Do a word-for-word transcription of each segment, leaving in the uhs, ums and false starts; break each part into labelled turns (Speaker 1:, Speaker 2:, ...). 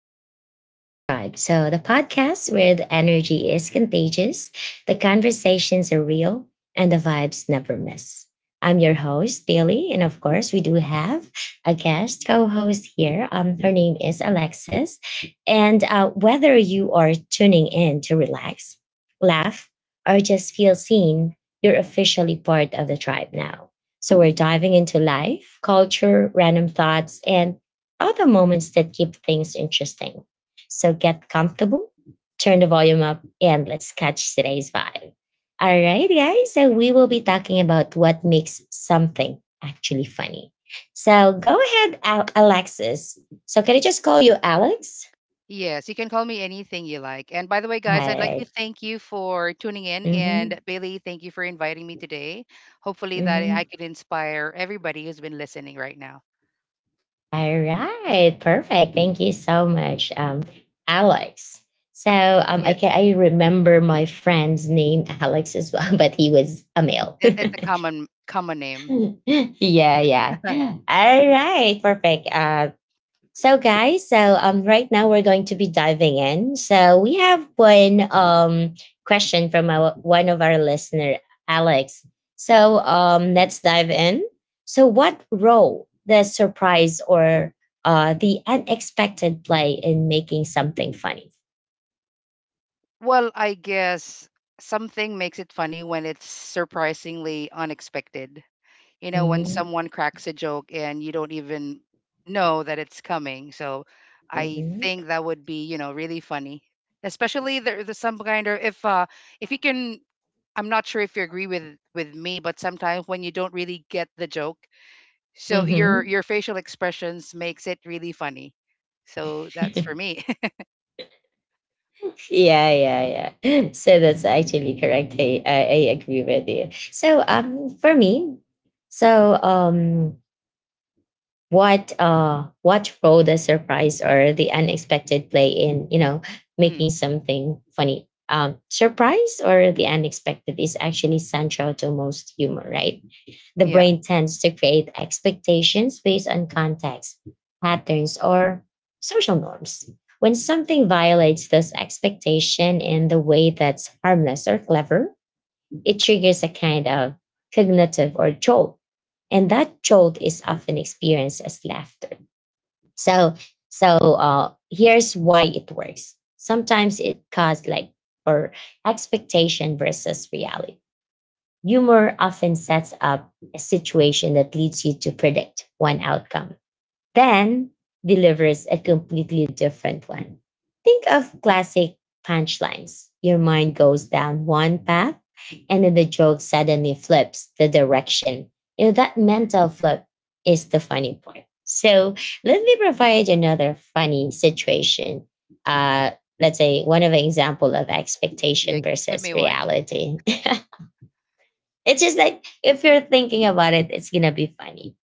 Speaker 1: Welcome to the Vibe Tribe. So, the podcast where the energy is contagious, the conversations are real, and the vibes never miss. I'm your host, Bailey. And of course, we do have a guest co host here. Um, her name is Alexis. And uh, Whether you are tuning in to relax, laugh, or just feel seen, you're officially part of the tribe now. So, we're diving into life, culture, random thoughts, and are the moments that keep things interesting. So get comfortable, turn the volume up, and let's catch today's vibe. All right, guys. So we will be talking about what makes something actually funny. So go ahead, Al- Alexis. So can I just call you Alex?
Speaker 2: Yes, you can call me anything you like. And by the way, guys, I'd
Speaker 1: All
Speaker 2: like to
Speaker 1: right.
Speaker 2: thank you for tuning in. And
Speaker 1: Mm-hmm.
Speaker 2: Bailey, thank you for inviting me today. Hopefully, that I
Speaker 1: Mm-hmm.
Speaker 2: could inspire everybody who's been listening right now.
Speaker 1: All right. Perfect. Thank you so much, um, Alex. So um, I
Speaker 2: Yes,
Speaker 1: can I remember my friend's name Alex as well, but he was a male.
Speaker 2: it, it's a common common name.
Speaker 1: Yeah, yeah. All right, perfect. Uh, so guys, so um, right now we're going to be diving in. So we have one um question from our, one of our listener, Alex. So um, let's dive in. So, what role does surprise or uh the unexpected play in making something funny?
Speaker 2: Well, I guess something makes it funny when it's surprisingly unexpected. you know, when
Speaker 1: Mm-hmm.
Speaker 2: someone cracks a joke and you don't even know that it's coming. So I
Speaker 1: Mm-hmm.
Speaker 2: think that would be, you know, really funny. Especially there, there's some kind of, if uh if you can, I'm not sure if you agree with with me, but sometimes when you don't really get the joke, so your
Speaker 1: Mm-hmm.
Speaker 2: your facial expressions makes it really funny. So that's for me.
Speaker 1: Yeah, yeah, yeah. So that's actually correct. I, I, I agree with you. So um for me, so um what uh what role does surprise or the unexpected play in, you know,
Speaker 2: Hmm.
Speaker 1: making something funny? Um surprise or the unexpected is actually central to most humor, right? The
Speaker 2: Yeah,
Speaker 1: brain tends to create expectations based on context, patterns, or social norms. When something violates those expectations in the way that's harmless or clever, it triggers a kind of cognitive or jolt. And that jolt is often experienced as laughter. So, so uh, here's why it works. Sometimes it caused like or expectation versus reality. Humor often sets up a situation that leads you to predict one outcome, then delivers a completely different one. Think of classic punchlines. Your mind goes down one path, and then the joke suddenly flips the direction. You know, that mental flip is the funny part. So let me provide another funny situation. Uh, let's say one of an example of
Speaker 2: yeah.
Speaker 1: expectation
Speaker 2: Give
Speaker 1: versus
Speaker 2: me one.
Speaker 1: reality. It's just like if you're thinking about it, it's gonna be funny.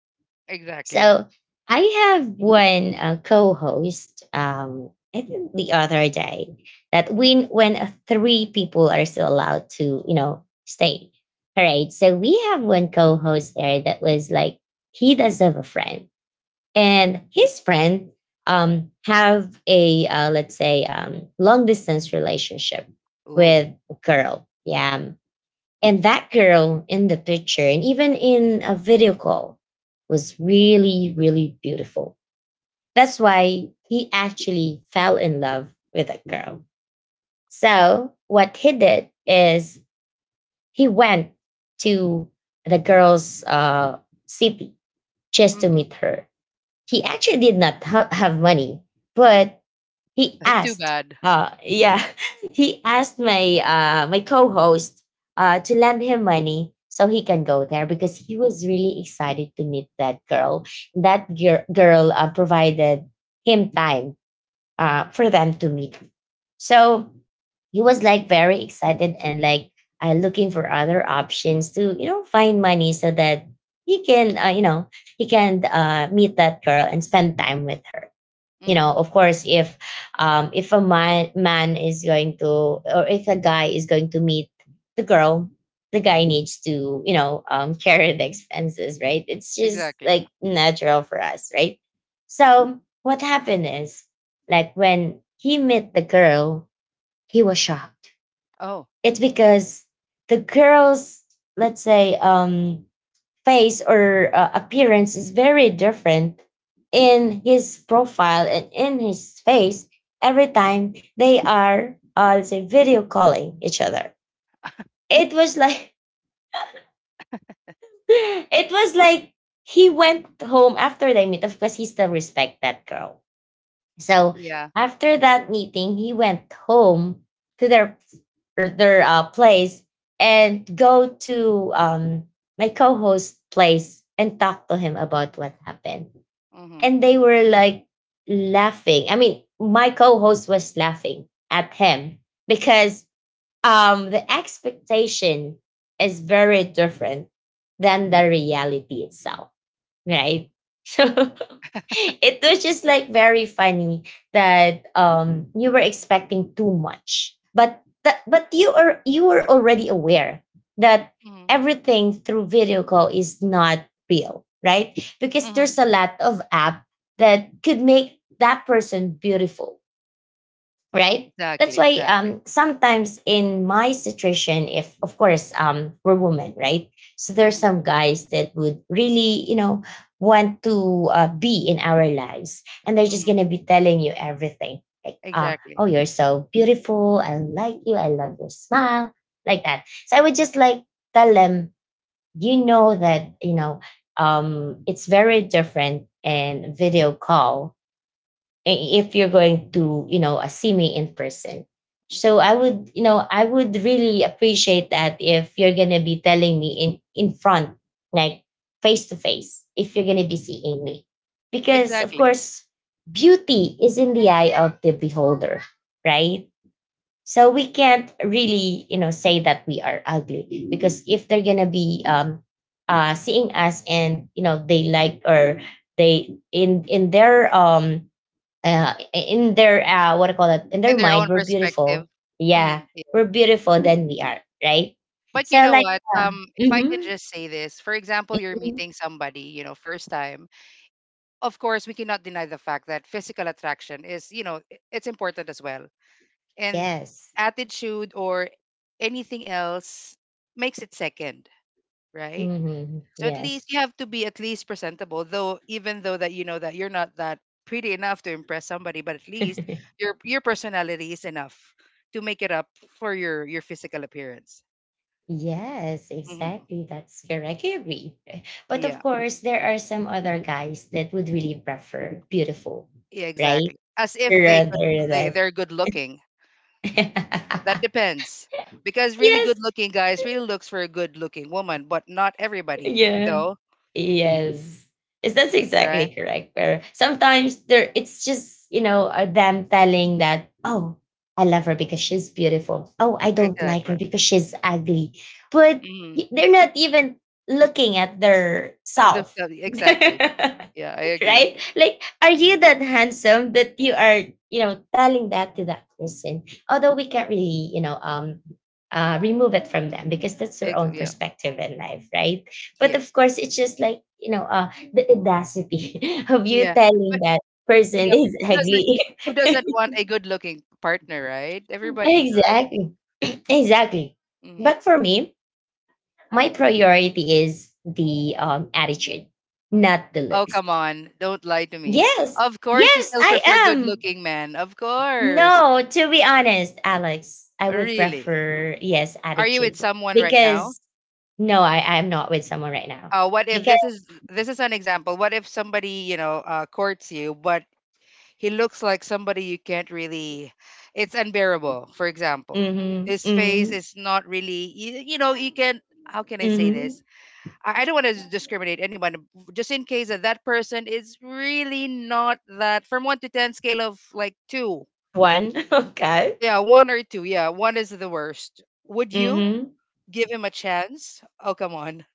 Speaker 2: Exactly.
Speaker 1: So I have one uh, co-host. Um, I think the other day that when when uh, three people are still allowed to, you know, stay. All right. So we have one co-host there that was like he does have a friend, and his friend um have a uh, let's say um long distance relationship
Speaker 2: Ooh.
Speaker 1: with a girl. Yeah, and that girl in the picture and even in a video call was really, really beautiful. That's why he actually fell in love with that girl. So, what he did is he went to the girl's uh, city just to
Speaker 2: Hmm.
Speaker 1: meet her. He actually did not ha- have money, but he
Speaker 2: That's too
Speaker 1: asked
Speaker 2: bad.
Speaker 1: uh yeah he asked my uh my co-host uh to lend him money so he can go there because he was really excited to meet that girl that gir- girl uh, provided him time uh for them to meet so he was like very excited and like uh, looking for other options to you know find money so that he can uh, you know he can uh, meet that girl and spend time with her. You
Speaker 2: Hmm.
Speaker 1: know of course if um if a man man is going to or if a guy is going to meet the girl, the guy needs to you know um carry the expenses, right? It's just
Speaker 2: Exactly.
Speaker 1: like natural for us, right? So what happened is like when he met the girl he was shocked.
Speaker 2: Oh,
Speaker 1: It's because the girl's let's say um face or uh, appearance is very different in his profile and in his face every time they are uh, let's say video calling each other. It was like it was like he went home after they meet, of course he still respect that girl. So
Speaker 2: yeah.
Speaker 1: after that meeting he went home to their or their uh, place and go to um my co-host place and talk to him about what happened,
Speaker 2: Hmm.
Speaker 1: and they were like laughing. I mean, my co-host was laughing at him because um the expectation is very different than the reality itself, right? So it was just like very funny that um you were expecting too much, but that but you are you were already aware that
Speaker 2: Mhm,
Speaker 1: everything through video call is not real, right? Because
Speaker 2: mhm.
Speaker 1: there's a lot of app that could make that person beautiful, right?
Speaker 2: Exactly,
Speaker 1: That's why
Speaker 2: exactly.
Speaker 1: um, sometimes in my situation, if of course um, we're women, right? So there's
Speaker 2: Mhm,
Speaker 1: some guys that would really, you know, want to uh, be in our lives, and they're just
Speaker 2: mhm.
Speaker 1: gonna be telling you everything, like, uh, "Oh,
Speaker 2: Exactly.
Speaker 1: you're so beautiful. I like you. I love your smile," like that. So I would
Speaker 2: Mm,
Speaker 1: just like tell them, you know, that you know, um, it's very different in video call i- if you're going to you know uh, see me in person,
Speaker 2: mhm.
Speaker 1: so I would you know I would really appreciate that if you're going to be telling me in in front, like face to face, if you're going to be seeing me, because of
Speaker 2: Exactly.
Speaker 1: course beauty is in the eye of the beholder, right? So we can't really you know say that we are ugly because if they're going to be um uh seeing us and you know they like or they in in their um uh, in their uh, what I call it in
Speaker 2: In
Speaker 1: their
Speaker 2: their own
Speaker 1: mind we're
Speaker 2: perspective.
Speaker 1: beautiful. Yeah,
Speaker 2: Mm, yeah.
Speaker 1: we're beautiful than we are, right?
Speaker 2: But
Speaker 1: So
Speaker 2: you know
Speaker 1: like
Speaker 2: what?
Speaker 1: uh,
Speaker 2: Um, if I could
Speaker 1: mhm,
Speaker 2: just say this, for example, you're
Speaker 1: mhm.
Speaker 2: meeting somebody, you know, first time. Of course, we cannot deny the fact that physical attraction is, you know, i- it's important as well. And
Speaker 1: Yes.
Speaker 2: attitude or anything else makes it second, right?
Speaker 1: Hmm,
Speaker 2: So at
Speaker 1: yes.
Speaker 2: least you have to be at least presentable, though even though that you know that you're not that pretty enough to impress somebody, but at least your your personality is enough to make it up for your your physical appearance.
Speaker 1: Yes,
Speaker 2: Hmm.
Speaker 1: exactly, that's correct, I agree. But of
Speaker 2: Yeah,
Speaker 1: course there are some other guys that would really prefer beautiful,
Speaker 2: yeah,
Speaker 1: right,
Speaker 2: exactly. As if they good
Speaker 1: rather
Speaker 2: they
Speaker 1: than.
Speaker 2: they're good looking. That depends because really good
Speaker 1: Yes.
Speaker 2: looking guys really looks for a good looking woman, but not everybody
Speaker 1: Yeah.
Speaker 2: though. Mm,
Speaker 1: Yes. Yes, that's exactly
Speaker 2: right?
Speaker 1: correct, where sometimes there it's just you know uh, them telling that oh I love her because she's beautiful, oh I don't like
Speaker 2: Exactly.
Speaker 1: her because she's ugly. But
Speaker 2: Mm.
Speaker 1: y- they're not even looking at their
Speaker 2: The-
Speaker 1: self.
Speaker 2: Exactly. Yeah, I agree.
Speaker 1: Right? Like, are you
Speaker 2: Mm.
Speaker 1: that handsome that you are, you know, telling that to that person? Although we can't really, you know, um, uh, remove it from them because that's their
Speaker 2: Ex-
Speaker 1: own
Speaker 2: yeah.
Speaker 1: perspective in life, right? But
Speaker 2: Yes.
Speaker 1: of course, it's just like you know, uh, the audacity of you
Speaker 2: Yeah,
Speaker 1: telling
Speaker 2: but
Speaker 1: that
Speaker 2: yeah,
Speaker 1: person
Speaker 2: but
Speaker 1: is
Speaker 2: who
Speaker 1: ugly.
Speaker 2: doesn't who doesn't want a good looking partner, right? Everybody does.
Speaker 1: Exactly, exactly.
Speaker 2: Mm.
Speaker 1: But for me, my priority is the um attitude, not the
Speaker 2: Oh,
Speaker 1: looks.
Speaker 2: come on, don't lie to me.
Speaker 1: Yes,
Speaker 2: Of course, you
Speaker 1: yes,
Speaker 2: still
Speaker 1: I
Speaker 2: prefer good
Speaker 1: am.
Speaker 2: looking men. Of course,
Speaker 1: No, to be honest, Alex, I would
Speaker 2: really.
Speaker 1: prefer yes
Speaker 2: Are you with
Speaker 1: attitude
Speaker 2: someone right now?
Speaker 1: because no, I I'm not with someone right now
Speaker 2: Uh, what if
Speaker 1: because
Speaker 2: this is this is an example? What if somebody, you know uh, courts you, but he looks like somebody you can't really? It's unbearable. For example,
Speaker 1: mm-hmm,
Speaker 2: his
Speaker 1: mm-hmm,
Speaker 2: face is not really. You, you know, you can. How can I say
Speaker 1: mm-hmm.
Speaker 2: this? I I don't want to discriminate anyone, just in case that that person is really not that, from one to ten scale of like two.
Speaker 1: One okay.
Speaker 2: Yeah, one or two. Yeah, one is the worst. Would you
Speaker 1: Mm-hmm.
Speaker 2: give him a chance? Oh, come on.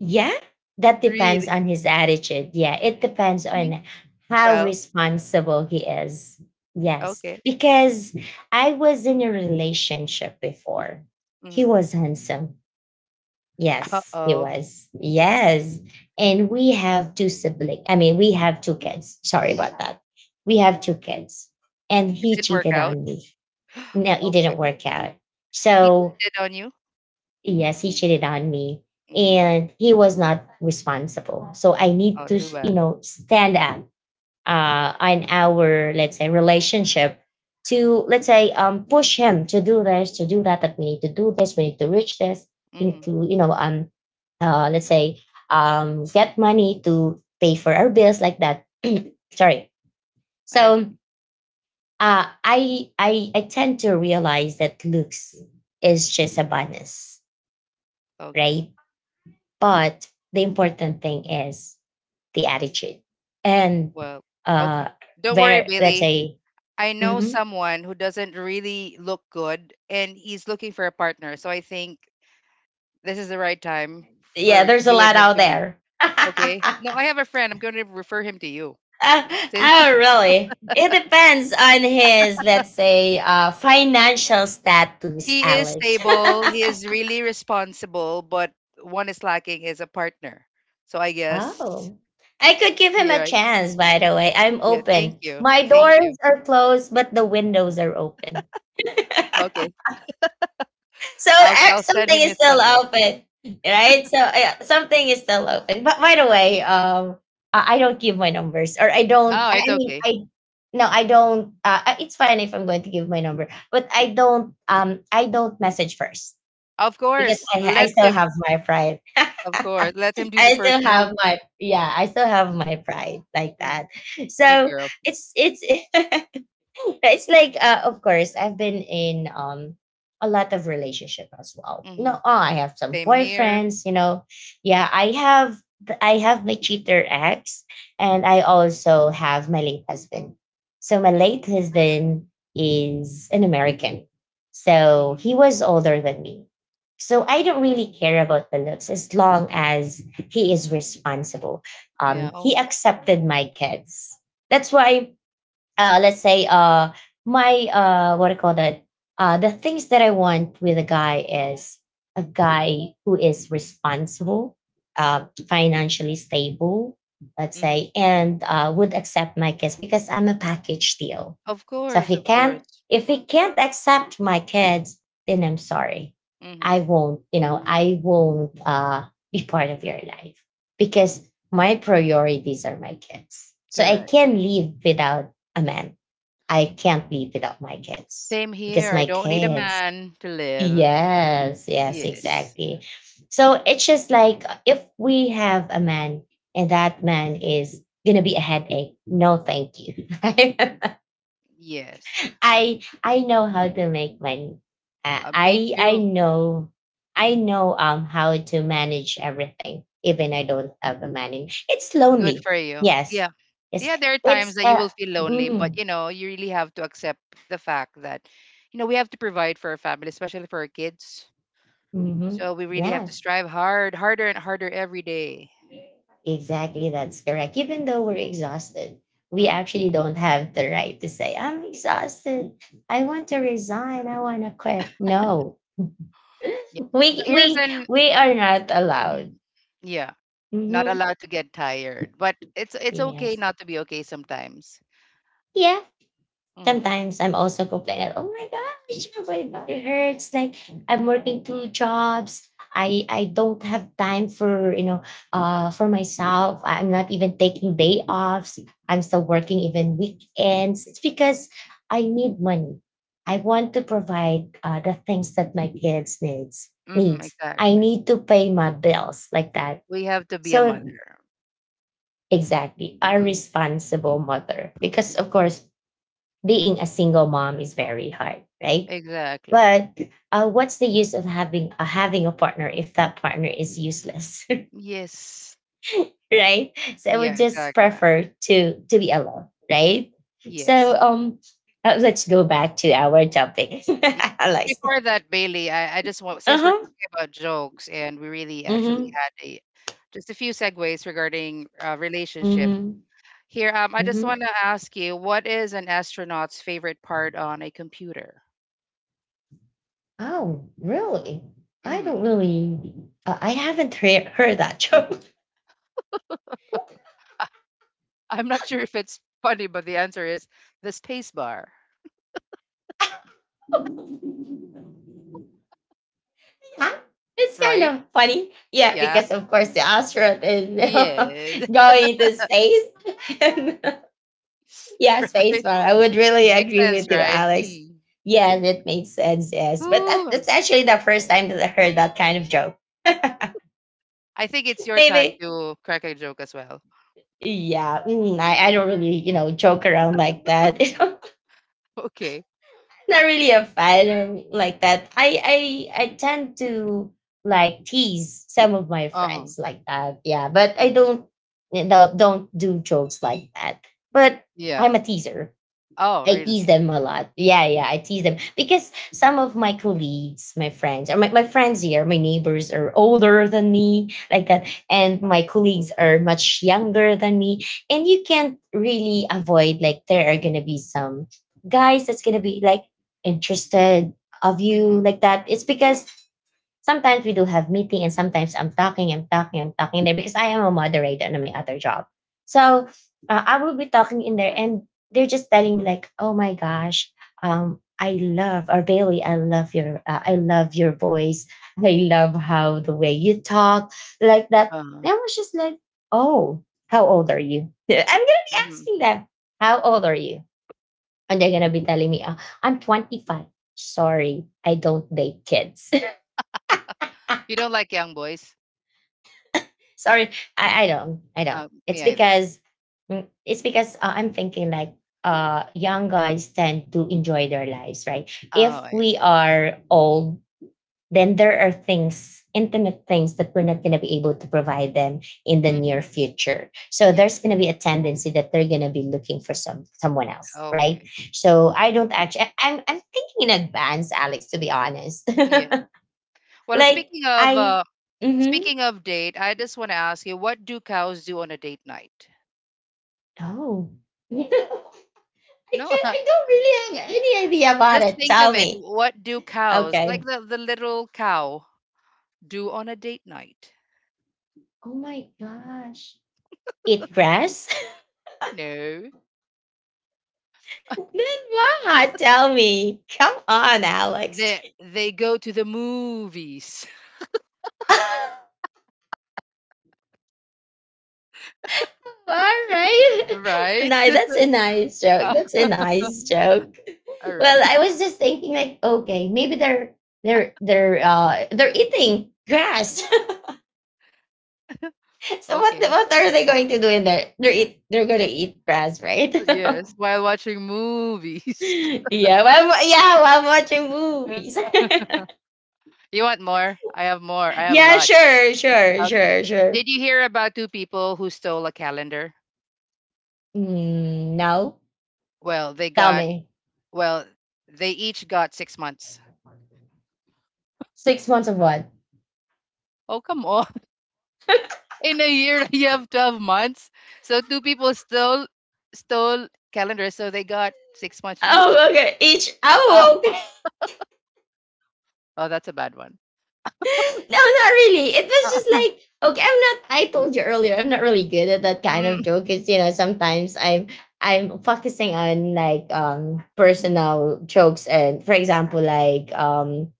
Speaker 1: Yeah, that depends
Speaker 2: Really?
Speaker 1: on his attitude, yeah, it depends
Speaker 2: Mhm.
Speaker 1: on how
Speaker 2: Well,
Speaker 1: responsible he is. Yes,
Speaker 2: okay.
Speaker 1: because I was in a relationship before, he
Speaker 2: Hmm.
Speaker 1: was handsome. Yes, he
Speaker 2: Uh-oh.
Speaker 1: was. Yes. And we have two siblings. I mean, we have two kids. Sorry
Speaker 2: Oh, oh,
Speaker 1: about that. We have two kids. And
Speaker 2: it
Speaker 1: he
Speaker 2: didn't work
Speaker 1: cheated
Speaker 2: out.
Speaker 1: on me. No, it
Speaker 2: Oh,
Speaker 1: didn't work out.
Speaker 2: he
Speaker 1: So,
Speaker 2: cheated on you?
Speaker 1: yes, he cheated on me
Speaker 2: Hmm.
Speaker 1: and he was not responsible. So, I need
Speaker 2: Oh,
Speaker 1: to,
Speaker 2: too
Speaker 1: you
Speaker 2: bad.
Speaker 1: know, stand up uh, in our let's say relationship to let's say um, push him to do this, to do that, that we need to do this, we need to reach this, we need
Speaker 2: Hmm.
Speaker 1: to you know um uh, let's say um, get money to pay for our bills like that. Sorry.
Speaker 2: I
Speaker 1: So
Speaker 2: see.
Speaker 1: uh, I, I I tend to realize that looks is just a bonus,
Speaker 2: Okay.
Speaker 1: right? But the important thing is the attitude and
Speaker 2: Well,
Speaker 1: uh
Speaker 2: okay. Don't worry,
Speaker 1: where let's
Speaker 2: Billy.
Speaker 1: say
Speaker 2: I know
Speaker 1: mm-hmm.
Speaker 2: someone who doesn't really look good and he's looking for a partner. So I think this is the right time
Speaker 1: Yeah,
Speaker 2: for
Speaker 1: there's a
Speaker 2: you and
Speaker 1: lot
Speaker 2: him
Speaker 1: out
Speaker 2: to meet.
Speaker 1: there.
Speaker 2: Okay. No, I have a friend. I'm going to refer him to you.
Speaker 1: Uh,
Speaker 2: Since
Speaker 1: oh, really? It depends on his, let's say, uh, financial status,
Speaker 2: he is
Speaker 1: Alex.
Speaker 2: stable, he is really responsible, but one is lacking is a partner. So I guess
Speaker 1: Oh, I could give him a
Speaker 2: you're right.
Speaker 1: chance, by the way. I'm
Speaker 2: Yeah. Thank
Speaker 1: open.
Speaker 2: you.
Speaker 1: My
Speaker 2: Thank
Speaker 1: doors
Speaker 2: you.
Speaker 1: are closed, but the windows are open.
Speaker 2: Okay.
Speaker 1: So
Speaker 2: I'll
Speaker 1: uh,
Speaker 2: I'll send
Speaker 1: something
Speaker 2: him
Speaker 1: is
Speaker 2: his
Speaker 1: still
Speaker 2: number.
Speaker 1: open, right? So uh, something is still open. But by the way, um, I I don't give my numbers, or I don't.
Speaker 2: Oh,
Speaker 1: I
Speaker 2: it's
Speaker 1: I mean,
Speaker 2: okay.
Speaker 1: I no i don't uh, uh, It's fine if i'm going to give my number, but i don't um i don't message first
Speaker 2: Of
Speaker 1: because
Speaker 2: course.
Speaker 1: i ha- i
Speaker 2: Let
Speaker 1: still
Speaker 2: him.
Speaker 1: have my pride.
Speaker 2: Of course. Let him do the
Speaker 1: I
Speaker 2: first
Speaker 1: still have
Speaker 2: move.
Speaker 1: my Yeah, i still have my
Speaker 2: Mm,
Speaker 1: pride like
Speaker 2: mm.
Speaker 1: that.
Speaker 2: Good
Speaker 1: So
Speaker 2: girl.
Speaker 1: it's it's it's like uh, of course i've been in um a lot of relationship as well, you know
Speaker 2: Mhm.
Speaker 1: oh, i have some
Speaker 2: Same here.
Speaker 1: boyfriends, you know. Yeah, i have th- i have my cheater ex, and i also have my late husband. So my
Speaker 2: Mhm,
Speaker 1: late husband is an American. So
Speaker 2: mhm.
Speaker 1: he was older than me. So i don't really care about the looks as long as he is responsible.
Speaker 2: Yeah,
Speaker 1: Um he
Speaker 2: okay. Uh,
Speaker 1: accepted my kids. That's why, uh, let's say, uh my, uh what do you call that, uh the things that i want with a guy is a guy who is responsible, uh, financially stable, let's
Speaker 2: mhm.
Speaker 1: say, and uh, would accept my kiss, because i'm a package deal.
Speaker 2: Of
Speaker 1: So if
Speaker 2: course,
Speaker 1: he
Speaker 2: of
Speaker 1: can't,
Speaker 2: course.
Speaker 1: if he can't accept my kids, then i'm sorry,
Speaker 2: Mhm.
Speaker 1: i won't, you know i won't uh be part of your life, because my priorities are my kids, so i
Speaker 2: Correct.
Speaker 1: can live without a man. I can't live without my kids,
Speaker 2: Same here.
Speaker 1: because
Speaker 2: I
Speaker 1: my
Speaker 2: don't need a
Speaker 1: kids.
Speaker 2: man to live.
Speaker 1: Yes, yes,
Speaker 2: Yes.
Speaker 1: exactly. So it's just like, if we have a man and that man is gonna be a headache, no, thank you.
Speaker 2: Yes.
Speaker 1: I I know how to make money. Uh,
Speaker 2: Uh, me
Speaker 1: I I
Speaker 2: too.
Speaker 1: know, I know um how to manage everything, even I don't have a man. in- It's
Speaker 2: Good
Speaker 1: lonely.
Speaker 2: for you.
Speaker 1: Yes,
Speaker 2: Yeah.
Speaker 1: it's
Speaker 2: Yeah, there are times
Speaker 1: it's
Speaker 2: that you
Speaker 1: uh,
Speaker 2: will feel lonely, but
Speaker 1: mm,
Speaker 2: you know, you really have to accept the fact that, you know, we have to provide for our family, especially for our kids.
Speaker 1: mhm,
Speaker 2: So we really have to
Speaker 1: yes.
Speaker 2: strive hard, harder and harder every day.
Speaker 1: Exactly, that's correct. Even though we're exhausted, we
Speaker 2: Mm,
Speaker 1: actually don't have the right to say, I'm exhausted. I want to resign. I want to quit. No,
Speaker 2: yeah. So
Speaker 1: we we
Speaker 2: here's an,
Speaker 1: we are not allowed.
Speaker 2: Mhm. Yeah. Not
Speaker 1: Hmm.
Speaker 2: allowed to get tired, but it's it's okay
Speaker 1: Yes.
Speaker 2: not to be okay sometimes.
Speaker 1: Yeah,
Speaker 2: Hmm.
Speaker 1: sometimes I'm also complaining, oh my gosh, my body hurts. Like, I'm working two jobs. I I don't have time for, you know uh for myself. I'm not even taking day offs. I'm still working even weekends. It's because I need money. I want to provide, uh, the things that my kids needs
Speaker 2: Hmm,
Speaker 1: needs. I
Speaker 2: exactly.
Speaker 1: need to pay my bills like that.
Speaker 2: We have to be a
Speaker 1: So
Speaker 2: mother.
Speaker 1: exactly, a
Speaker 2: Mhm.
Speaker 1: responsible mother. Because of course, being a single mom is very hard, right?
Speaker 2: Exactly.
Speaker 1: But uh, what's the use of having uh, having a partner if that partner is useless,
Speaker 2: Yes.
Speaker 1: right? So I would
Speaker 2: Yeah,
Speaker 1: just
Speaker 2: exactly.
Speaker 1: prefer to to be alone, right? So
Speaker 2: Yes.
Speaker 1: um, uh, let's go back to our topic.
Speaker 2: Ye- But
Speaker 1: Alex.
Speaker 2: before that, Bailey, I, I just want,
Speaker 1: Uh
Speaker 2: since we're
Speaker 1: huh.
Speaker 2: talking about jokes and we really actually
Speaker 1: Mm
Speaker 2: had a, just a few segues regarding uh,
Speaker 1: hmm.
Speaker 2: relationship
Speaker 1: Mm
Speaker 2: here, um, I
Speaker 1: hmm. Mm
Speaker 2: just
Speaker 1: hmm.
Speaker 2: want to ask you, what is an astronaut's favorite part on a computer?
Speaker 1: Oh, really? I
Speaker 2: Mm-hmm.
Speaker 1: don't really. Uh, I haven't he- heard that joke.
Speaker 2: I'm not sure if it's funny, but the answer is the space bar,
Speaker 1: Huh? It's kind
Speaker 2: right?
Speaker 1: of funny. Yeah,
Speaker 2: Yeah.
Speaker 1: because of course the astronaut is, you know,
Speaker 2: Yes.
Speaker 1: going to space. And, yeah, space
Speaker 2: Right.
Speaker 1: bar. I would really
Speaker 2: Makes
Speaker 1: agree
Speaker 2: sense,
Speaker 1: with you,
Speaker 2: right?
Speaker 1: Alex.
Speaker 2: Mm.
Speaker 1: Yeah, that makes sense. Yes, but that,
Speaker 2: Whew.
Speaker 1: that's actually the first time that I heard that kind of joke.
Speaker 2: I think it's your time
Speaker 1: Maybe.
Speaker 2: to crack a joke as well.
Speaker 1: Yeah, mm, I, I don't really, you know, joke around like that.
Speaker 2: Okay.
Speaker 1: Not really a fan, or like that. I I I tend to like tease some of my
Speaker 2: Uh-huh.
Speaker 1: friends like that. Yeah, but I
Speaker 2: Mhm.
Speaker 1: don't don't don't do jokes like that. But I'm
Speaker 2: Yeah.
Speaker 1: a teaser.
Speaker 2: Oh,
Speaker 1: I tease
Speaker 2: really?
Speaker 1: them a lot. Yeah, yeah, I tease them because some of my colleagues, my friends, or my, my friends here, my neighbors are older than me, like that. And my colleagues are much younger than me. And you can't really avoid, like, there are going to be some guys that's going to be like interested of
Speaker 2: Mm-hmm.
Speaker 1: you, like that. It's because sometimes we do have meeting, and sometimes I'm talking, I'm talking, I'm talking there because I am a moderator on my other job. So uh, I will be talking in there, and they're just telling me like, oh my gosh, um, I love, or Bailey, I love your uh, I love your voice. I love how the way you talk like that. And
Speaker 2: Uh-huh.
Speaker 1: I was just like, oh, how old are you? I'm gonna be
Speaker 2: Hmm.
Speaker 1: asking them, how old are you? And they're gonna be telling me, oh, I'm twenty-five. Sorry, I don't date kids.
Speaker 2: You don't like young boys?
Speaker 1: Sorry, I, I don't. I don't.
Speaker 2: Uh, me
Speaker 1: It's
Speaker 2: either.
Speaker 1: because mm, it's because uh, I'm thinking like, uh young guys tend to enjoy their lives, right? If
Speaker 2: Oh, I
Speaker 1: we
Speaker 2: see.
Speaker 1: are old, then there are things, intimate things, that we're not going to be able to provide them in the near
Speaker 2: Hmm.
Speaker 1: future. So
Speaker 2: Yeah.
Speaker 1: there's going to be a tendency that they're going to be looking for some someone else, right?
Speaker 2: Okay.
Speaker 1: So I don't actually. I'm I'm thinking in advance, Alex. To be honest,
Speaker 2: Yeah. Well,
Speaker 1: like
Speaker 2: speaking of
Speaker 1: I.
Speaker 2: uh,
Speaker 1: Mm-hmm.
Speaker 2: speaking of date, I just want to ask you, what do cows do on a date night?
Speaker 1: Oh. I
Speaker 2: No,
Speaker 1: can't. I don't really have any idea about
Speaker 2: just
Speaker 1: it.
Speaker 2: think of
Speaker 1: Tell
Speaker 2: it.
Speaker 1: me.
Speaker 2: What do cows,
Speaker 1: Okay.
Speaker 2: like the, the little cow, do on a date night?
Speaker 1: Oh my gosh. Eat grass?
Speaker 2: No,
Speaker 1: Then what? Tell me. Come on, Alex.
Speaker 2: they they go to the movies,
Speaker 1: All right.
Speaker 2: right?
Speaker 1: No, that's a nice joke.
Speaker 2: Uh,
Speaker 1: That's a nice joke.
Speaker 2: All right.
Speaker 1: Well, I was just thinking like, okay, maybe they're they're they're uh they're eating grass. So what
Speaker 2: Okay.
Speaker 1: what are they going to do in there? They're eat they're gonna eat grass, right?
Speaker 2: Yes, while watching movies.
Speaker 1: Yeah, well, wa- yeah, while watching movies.
Speaker 2: You want more? I have more. I have a
Speaker 1: Yeah,
Speaker 2: lot.
Speaker 1: sure, sure,
Speaker 2: Okay.
Speaker 1: sure, sure.
Speaker 2: Did you hear about two people who stole a calendar?
Speaker 1: Mm, no,
Speaker 2: Well, they
Speaker 1: tell
Speaker 2: got,
Speaker 1: me.
Speaker 2: well, they each got six months.
Speaker 1: Six months of what?
Speaker 2: Oh, come on. In a year you have twelve months. So two people stole stole calendars, so they got six months each.
Speaker 1: Oh, okay. Each.
Speaker 2: uh,
Speaker 1: Oh, okay.
Speaker 2: oh, that's a bad one.
Speaker 1: No, not really. It was just like, okay. I'm not. I told you earlier. I'm not really good at that kind of
Speaker 2: Mm,
Speaker 1: joke. Cause you know, sometimes I'm I'm focusing on like, um personal jokes, and for example, like um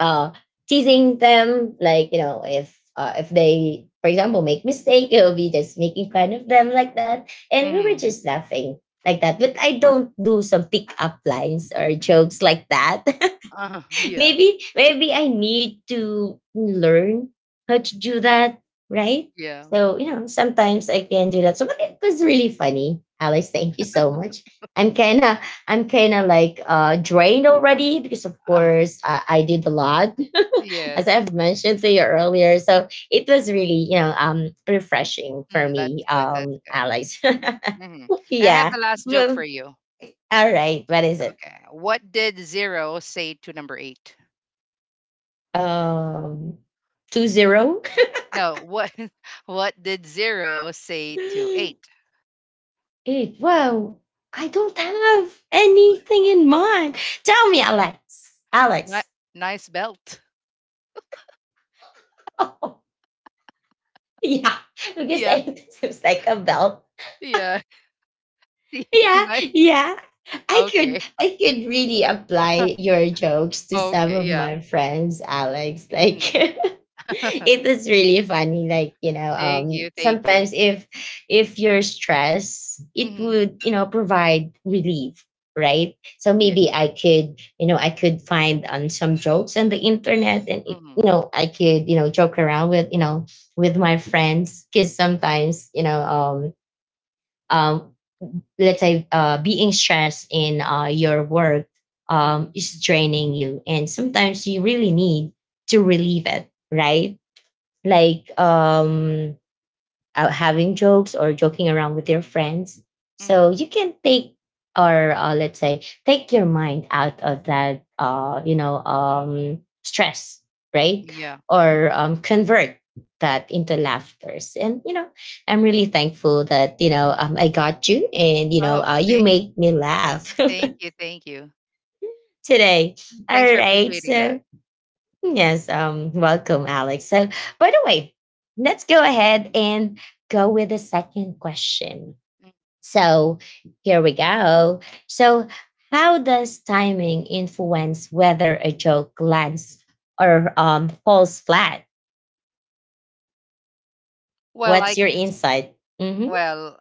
Speaker 1: uh, teasing them, like, you know, if uh, if they, for example, make mistake, it will be just making fun of them like that, and we were
Speaker 2: mm.
Speaker 1: just laughing like that. But I don't do some pick up lines or jokes like that.
Speaker 2: Uh, yeah,
Speaker 1: Maybe maybe I need to learn how to do that, right?
Speaker 2: yeah.
Speaker 1: So you know, sometimes I can do that. So, but it was really funny, Alice. Thank you so much. I'm kind of I'm kind of like uh drained already, because of
Speaker 2: uh,
Speaker 1: course uh, I did a lot, as
Speaker 2: yes.
Speaker 1: I've mentioned to you earlier. So it was really, you know, um, refreshing for
Speaker 2: Mm, that's
Speaker 1: me,
Speaker 2: good, that's
Speaker 1: um,
Speaker 2: good.
Speaker 1: Alex.
Speaker 2: Hmm, I have
Speaker 1: Yeah.
Speaker 2: the last joke
Speaker 1: Well,
Speaker 2: for you.
Speaker 1: all right. What is it?
Speaker 2: Okay, what did zero say to number eight?
Speaker 1: Um, two zero.
Speaker 2: No, what? What did zero say to eight?
Speaker 1: It. Wow. I don't have anything in mind. Tell me, Alex.
Speaker 2: Ni-
Speaker 1: Alex.
Speaker 2: Nice belt.
Speaker 1: Oh, yeah. Because
Speaker 2: Yeah,
Speaker 1: it seems like a belt.
Speaker 2: yeah.
Speaker 1: Yeah,
Speaker 2: Nice.
Speaker 1: yeah. I
Speaker 2: Okay.
Speaker 1: could I could really apply your jokes to some
Speaker 2: Okay,
Speaker 1: of
Speaker 2: yeah.
Speaker 1: my friends, Alex. Like
Speaker 2: Mhm.
Speaker 1: it is really funny. Like, you know,
Speaker 2: Thank you,
Speaker 1: um,
Speaker 2: thank
Speaker 1: sometimes
Speaker 2: you.
Speaker 1: if if you're stressed, it
Speaker 2: Mhm.
Speaker 1: would, you know, provide relief, right? So
Speaker 2: Yeah.
Speaker 1: maybe I could, you know, I could find on some jokes on the internet, and it, you
Speaker 2: Mhm.
Speaker 1: know, I could, you know, joke around with, you know, with my friends. Cause sometimes, you know, um um let's say uh, being stressed in uh, your work
Speaker 2: Mhm.
Speaker 1: um, is draining you, and sometimes you really need to relieve it, right, like um, out having jokes or joking around with your friends. So
Speaker 2: Mhm.
Speaker 1: you can take, or uh, let's say take your mind out of that uh, you know um, stress, right?
Speaker 2: Yeah. Mhm.
Speaker 1: Or um, convert that into laughters. And you know, I'm really thankful that you know um, I got you, and you know
Speaker 2: Oh,
Speaker 1: uh, you
Speaker 2: thank
Speaker 1: made me laugh
Speaker 2: thank you, thank you.
Speaker 1: today. All
Speaker 2: Thanks for
Speaker 1: right,
Speaker 2: appreciating that.
Speaker 1: so yes, um, welcome, Alex. So by the way, let's go ahead and go with the second question.
Speaker 2: Mm.
Speaker 1: So here we go. So, how does timing influence whether a joke lands or um, falls flat?
Speaker 2: Well, I
Speaker 1: What's your
Speaker 2: can s-
Speaker 1: insight? Mm-hmm.
Speaker 2: well,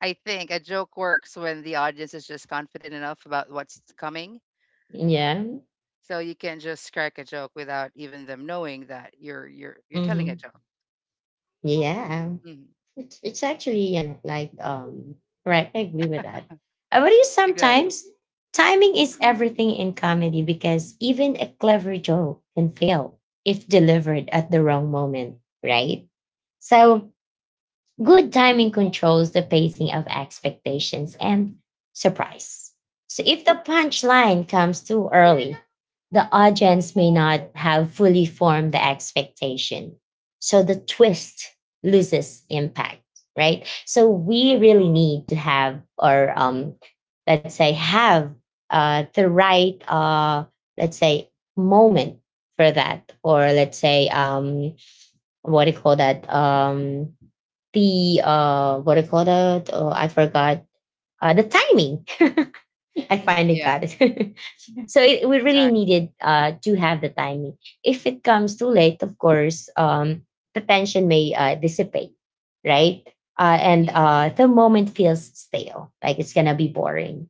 Speaker 2: I think a joke works when the audience is just confident enough about what's coming.
Speaker 1: Yeah.
Speaker 2: So you can just crack a joke without even them knowing that you're you're you're telling a
Speaker 1: Mm-hmm.
Speaker 2: joke.
Speaker 1: Yeah.
Speaker 2: Mhm.
Speaker 1: It's, it's actually you know, like, um, right. I agree with that. Uh, What do you
Speaker 2: Exactly.
Speaker 1: sometimes? Timing is everything in comedy, because even a clever joke can fail if delivered at the wrong moment, right? So, good timing controls the pacing of expectations and surprise. So if the punchline comes too early, the
Speaker 2: Mhm.
Speaker 1: audience may not have fully formed the expectation. So the twist loses impact, right? So we really need to have, or um, let's say, have uh, the right, uh, let's say, moment for that, or let's say, um, what do you call that? Um, the uh, what do you call that? Oh, I forgot. Uh, the timing. I
Speaker 2: Mhm.
Speaker 1: finally
Speaker 2: Yeah,
Speaker 1: got it. So it, we really
Speaker 2: exactly.
Speaker 1: needed uh, to have the timing. If it comes too late, of course, um, the tension may uh, dissipate, right? Uh, and
Speaker 2: Mhm.
Speaker 1: uh, the moment feels stale, like it's gonna be boring.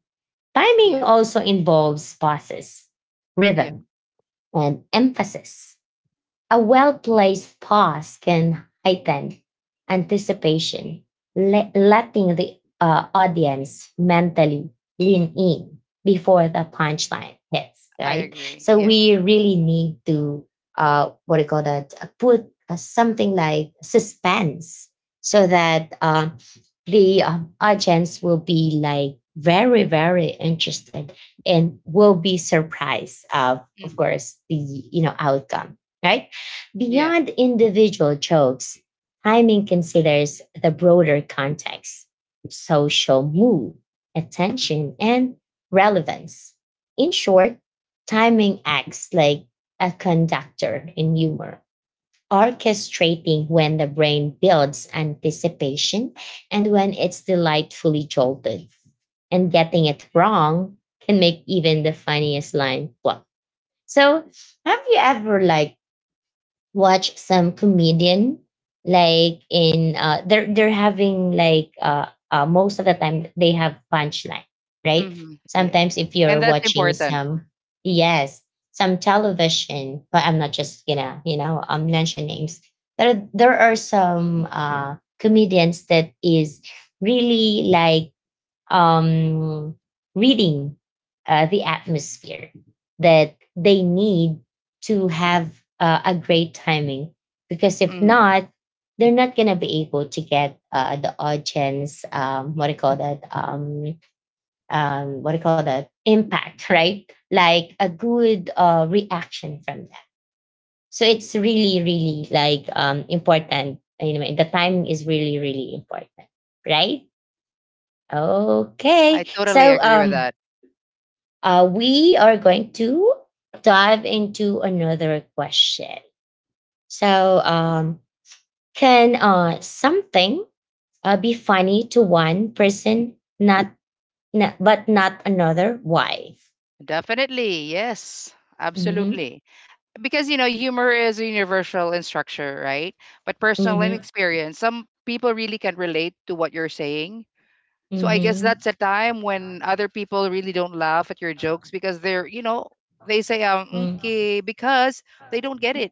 Speaker 1: Timing also
Speaker 2: Yes.
Speaker 1: involves pauses,
Speaker 2: Yeah,
Speaker 1: rhythm, and emphasis. A well placed pause can heighten anticipation, le- letting the uh, audience mentally lean in before the punchline hits,
Speaker 2: I
Speaker 1: right?
Speaker 2: agree.
Speaker 1: So
Speaker 2: Yes.
Speaker 1: we really need to, uh, what do you call that, uh, put uh, something like suspense, so that uh, the um, audience will be like very, very interested, and will be surprised of, of
Speaker 2: Mhm.
Speaker 1: course, the, you know, outcome, right.
Speaker 2: Yeah.
Speaker 1: Beyond individual jokes, timing considers the broader context, social mood, attention, and relevance. In short, timing acts like a conductor in humor, orchestrating when the brain builds anticipation and when it's delightfully jolted. And getting it wrong can make even the funniest line flop. So, have you ever like watch some comedian, like in uh they're they're having like uh, uh most of the time they have punchline, right?
Speaker 2: Mhm. Yes.
Speaker 1: Sometimes if
Speaker 2: And
Speaker 1: you're
Speaker 2: that's
Speaker 1: watching
Speaker 2: important.
Speaker 1: some, yes, some television, but I'm not just gonna you know um mention names. There there are some uh comedians that is really like um, reading uh, the atmosphere, that they need to have uh, a great timing. Because if
Speaker 2: Mm.
Speaker 1: not, they're not going to be able to get uh, the audience, um, what do you call that? Um, um, what do you call that? Impact, right? Like a good uh, reaction from that. So it's really, really like um, important. Anyway, the timing is really, really important, right?
Speaker 2: I
Speaker 1: Okay.
Speaker 2: totally
Speaker 1: So
Speaker 2: agree with
Speaker 1: um,
Speaker 2: that.
Speaker 1: uh, we are going to dive into another question. So, um, can uh, something uh, be funny to one person, not, not but not another? Why?
Speaker 2: Definitely. Yes.
Speaker 1: Mm-hmm.
Speaker 2: Absolutely. Because, you know, humor is universal in structure, right? But personal and
Speaker 1: Mm-hmm.
Speaker 2: experience, some people really can relate to what you're saying. So I guess
Speaker 1: Mm-hmm.
Speaker 2: that's a time when other people really don't laugh at your jokes because they're, you know, they say, um,
Speaker 1: Mm-hmm.
Speaker 2: okay, because they don't get it,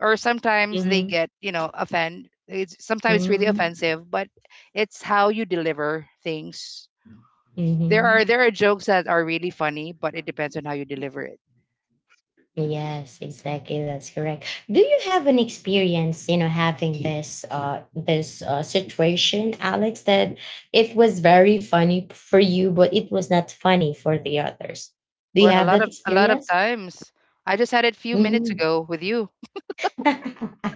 Speaker 2: or sometimes they get you know offend. It's sometimes it's really
Speaker 1: Mm-hmm.
Speaker 2: offensive, but it's how you deliver things. there are
Speaker 1: Mm-hmm.
Speaker 2: there are jokes that are really funny, but it depends on how you deliver it.
Speaker 1: Yes, exactly. That's correct. Do you have an experience, you know, having this uh this uh, situation, Alex, that it was very funny for you, but it was not funny for the others? Do you
Speaker 2: Well, a
Speaker 1: have
Speaker 2: lot
Speaker 1: that
Speaker 2: of a lot of
Speaker 1: experience?
Speaker 2: times, I just had it a few minutes
Speaker 1: Mhm.
Speaker 2: ago with you.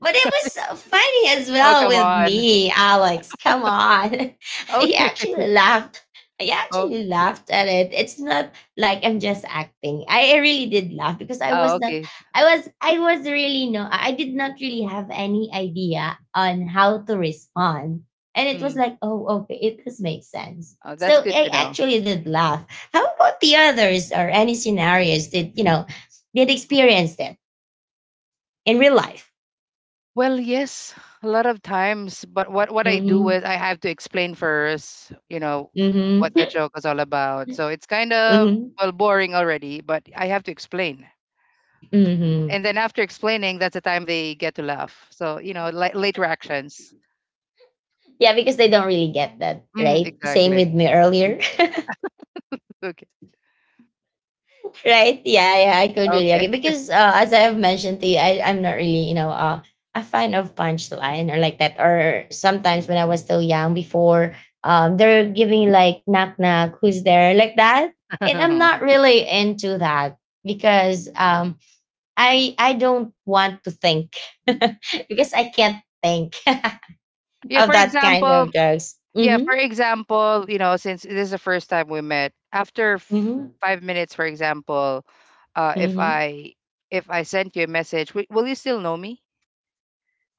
Speaker 1: But it was so funny as
Speaker 2: Oh,
Speaker 1: well
Speaker 2: come
Speaker 1: with
Speaker 2: on.
Speaker 1: me, Alex. Come on. I
Speaker 2: Okay.
Speaker 1: actually laughed. I actually laughed at it. It's not like I'm just acting. I I really did laugh because I
Speaker 2: Oh,
Speaker 1: was not
Speaker 2: okay.
Speaker 1: I was I was really no, I I did not really have any idea on how to respond. And it was
Speaker 2: Hmm.
Speaker 1: like, oh, okay, it does make sense.
Speaker 2: Oh, that's
Speaker 1: So
Speaker 2: good
Speaker 1: I
Speaker 2: to know.
Speaker 1: actually did laugh. How about the others, or any scenarios that you know did experience it in real life?
Speaker 2: Well, yes, a lot of times, but what what I do
Speaker 1: Mm-hmm.
Speaker 2: is I have to explain first, you know, what the
Speaker 1: Mm-hmm.
Speaker 2: joke is all about. So it's kind of
Speaker 1: Mhm.
Speaker 2: well boring already, but I have to explain.
Speaker 1: Mhm.
Speaker 2: And then after explaining, that's the time they get to laugh. So, you know, li- late reactions.
Speaker 1: Yeah, because they don't really get that,
Speaker 2: Mm,
Speaker 1: right? Same
Speaker 2: exactly.
Speaker 1: with me earlier.
Speaker 2: Okay.
Speaker 1: Right? Yeah, yeah, I could really
Speaker 2: Okay.
Speaker 1: agree because uh, as I have mentioned to you, I, I'm not really, you know, uh, a fan of punchline or like that. Or sometimes when I was still young before, um, they're giving like knock knock, who's there, like that, and I'm not really into that because um, I I don't want to think because I can't think
Speaker 2: yeah,
Speaker 1: of
Speaker 2: for
Speaker 1: that kind
Speaker 2: example,
Speaker 1: of jokes.
Speaker 2: Yeah,
Speaker 1: Mm-hmm.
Speaker 2: for example, you know, since this is the first time we met, after f-
Speaker 1: Mm-hmm.
Speaker 2: five minutes, for example, uh, if
Speaker 1: Mm-hmm.
Speaker 2: I if I sent you a message, w- will you still know me?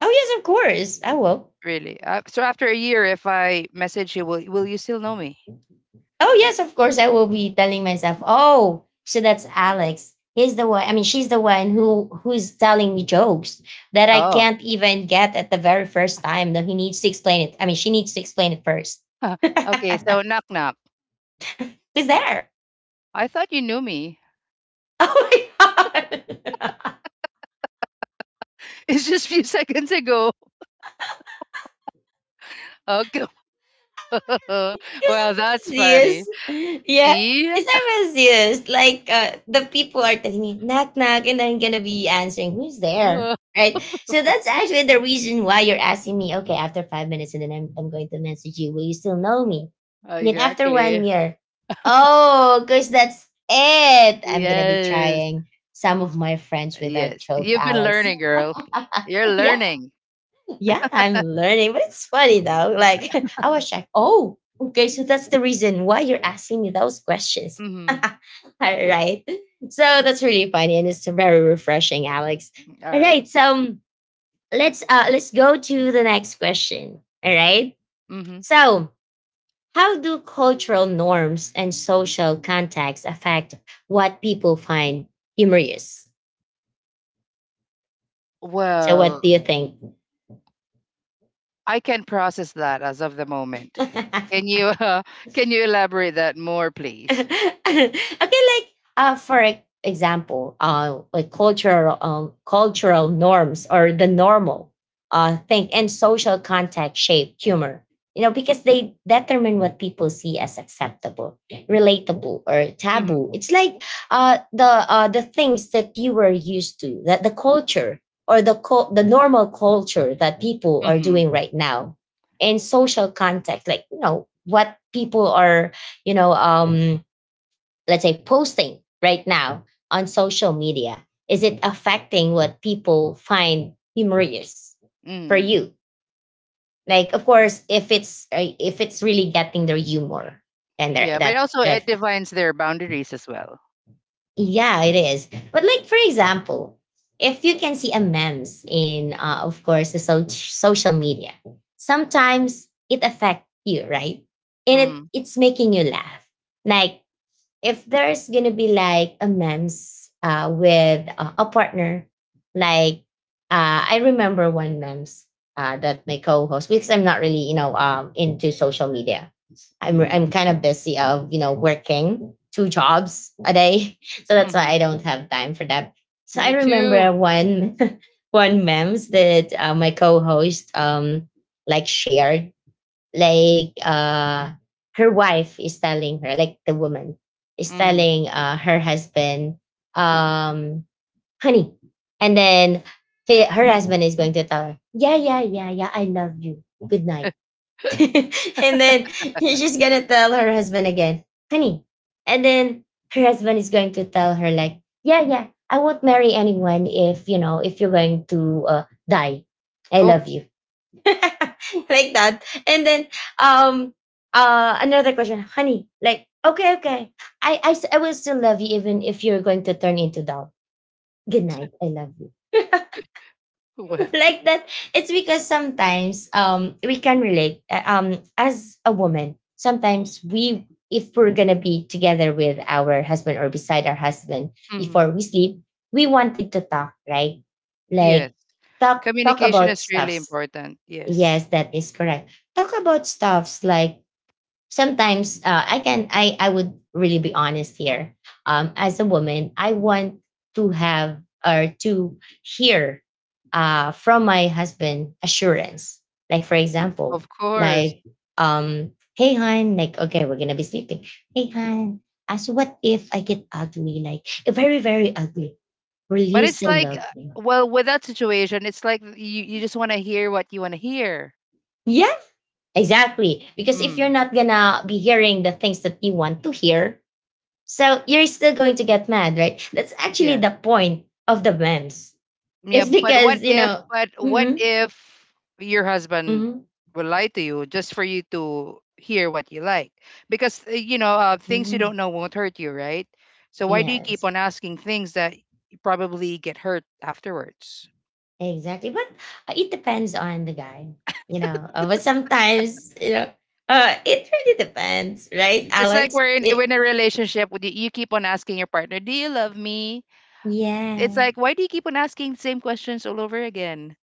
Speaker 1: Oh yes, of course. I will.
Speaker 2: Really? Uh, so after a year, if I message you, will will you still know me?
Speaker 1: Oh yes, of course. I will be telling myself, oh, so that's Alex. He's the one. I mean, she's the one who who's telling me jokes that I
Speaker 2: Oh,
Speaker 1: can't even get at the very first time. That he needs to explain it. I mean, she needs to explain it first.
Speaker 2: okay. So knock knock.
Speaker 1: He's there.
Speaker 2: I thought you knew me.
Speaker 1: Oh my god.
Speaker 2: It's just a few seconds ago. Okay.
Speaker 1: Because I
Speaker 2: Well,
Speaker 1: was
Speaker 2: that's
Speaker 1: serious.
Speaker 2: funny.
Speaker 1: Yeah.
Speaker 2: See?
Speaker 1: Because I was serious. Like uh, the people are telling me knock knock and I'm gonna be answering who's there?
Speaker 2: Oh,
Speaker 1: Right? So that's actually the reason why you're asking me, okay, after five minutes and then I'm I'm going to message you. Will you still know me? Then after
Speaker 2: exactly.
Speaker 1: one year. Oh, because that's it. I'm gonna be
Speaker 2: Yes.
Speaker 1: trying some of my friends with that
Speaker 2: Yes.
Speaker 1: joke,
Speaker 2: You've been
Speaker 1: Alex.
Speaker 2: learning, girl. You're
Speaker 1: Yeah,
Speaker 2: learning.
Speaker 1: yeah, I'm learning, but it's funny though. Like, I was like, oh, okay, so that's the reason why you're asking me those questions. All
Speaker 2: Mm-hmm.
Speaker 1: right. So that's really funny and it's very refreshing, Alex.
Speaker 2: All
Speaker 1: All
Speaker 2: right.
Speaker 1: right, so um, let's uh let's go to the next question. All right.
Speaker 2: Mm-hmm.
Speaker 1: So how do cultural norms and social contexts affect what people find humorous? So what
Speaker 2: Well,
Speaker 1: do you think?
Speaker 2: I can process that as of the moment. Can you uh, can you elaborate that more, please?
Speaker 1: Okay, like, uh, for e- example, uh, like cultural um, cultural norms, or the normal uh thing and social context shape humor. You know, because they determine what people see as acceptable, relatable, or
Speaker 2: Mm-hmm.
Speaker 1: taboo. It's like, uh, the uh, the things that you were used to, that the culture or the cul the normal culture that people are
Speaker 2: Mm-hmm.
Speaker 1: doing right now in social context, like you know what people are, you know um let's say, posting right now on social media. Is it affecting what people find humorous for
Speaker 2: Mm.
Speaker 1: you? Like, of course, if it's uh, if it's really getting their humor and their
Speaker 2: Yeah, but
Speaker 1: that,
Speaker 2: also it
Speaker 1: if,
Speaker 2: defines their boundaries as well.
Speaker 1: yeah, it is. But like, for example, if you can see a memes in, uh, of course, the so- social media, sometimes it affects you, right? And it
Speaker 2: Mm.
Speaker 1: it's making you laugh. Like, if there's gonna be like a mems uh, with a, a partner. Like, uh, I remember one mems uh, that my co-host, because I'm not really, you know um, into social media. I'm
Speaker 2: Mm-hmm.
Speaker 1: I'm kind of busy of, you know working two jobs a day. So that's why I
Speaker 2: Mm-hmm.
Speaker 1: don't have time for that. So I
Speaker 2: Me too.
Speaker 1: remember one one memes that uh, my co-host um like shared. Like, uh her wife is telling her, like, the woman is
Speaker 2: Mm-hmm.
Speaker 1: telling uh her husband, um "Honey." And then he, her husband is going to tell her, "Yeah, yeah, yeah, yeah, I love you, good night." And then she's gonna tell her husband again, "Honey." And then her husband is going to tell her, like, "Yeah, yeah, I won't marry anyone. If, you know if you're going to uh, die, I
Speaker 2: Oh
Speaker 1: love you." Like that. And then, um uh another question, "Honey." Like, okay, okay. I, I s- I will still love you even if you're going to turn into doubt. Good night. I love you."
Speaker 2: well.
Speaker 1: Like that. It's because sometimes um we can relate, uh, um as a woman. Sometimes we if we're gonna be together with our husband, or beside our husband,
Speaker 2: Mm-hmm.
Speaker 1: before we sleep, we wanted to talk, right?
Speaker 2: Yes.
Speaker 1: Like, talk talk
Speaker 2: Communication
Speaker 1: about
Speaker 2: is really
Speaker 1: stuff.
Speaker 2: important. Yes,
Speaker 1: Yes, that is correct. Talk about stuffs. Like, sometimes uh, I can I I would really be honest here. Um, as a woman, I want to have, or to hear uh, from my husband, assurance. Like, for example,
Speaker 2: of course.
Speaker 1: like, um, hey hon, like, okay, we're gonna be sleeping. Hey hon, as what if I get ugly? Like, very very ugly. Will
Speaker 2: But
Speaker 1: you
Speaker 2: it's
Speaker 1: still
Speaker 2: like,
Speaker 1: love
Speaker 2: uh,
Speaker 1: me?
Speaker 2: well, with that situation, it's like you, you just want to hear what you want to hear.
Speaker 1: Exactly. Because if you're
Speaker 2: Mm.
Speaker 1: not gonna be hearing the things that you want to hear, so you're still going to get mad, right? That's actually
Speaker 2: Yeah.
Speaker 1: the point of the memes.
Speaker 2: Yeah,
Speaker 1: It's
Speaker 2: but what
Speaker 1: because, you
Speaker 2: if
Speaker 1: know,
Speaker 2: but what
Speaker 1: hmm
Speaker 2: if your husband
Speaker 1: hmm
Speaker 2: will lie to you just for you to hear what you like? Because uh, you know, uh, things you don't
Speaker 1: hmm
Speaker 2: know won't hurt you, right? So why do you keep
Speaker 1: yes,
Speaker 2: on asking things that you probably get hurt afterwards?
Speaker 1: exactly. But uh, it depends on the guy, you know, uh, but sometimes, you know, uh, it really depends, right,
Speaker 2: It's like
Speaker 1: Alex?
Speaker 2: we're in we're
Speaker 1: It,
Speaker 2: in a relationship with you, you keep on asking your partner, "Do you love me?" It's
Speaker 1: yeah,
Speaker 2: like why do you keep on asking the same questions all over again?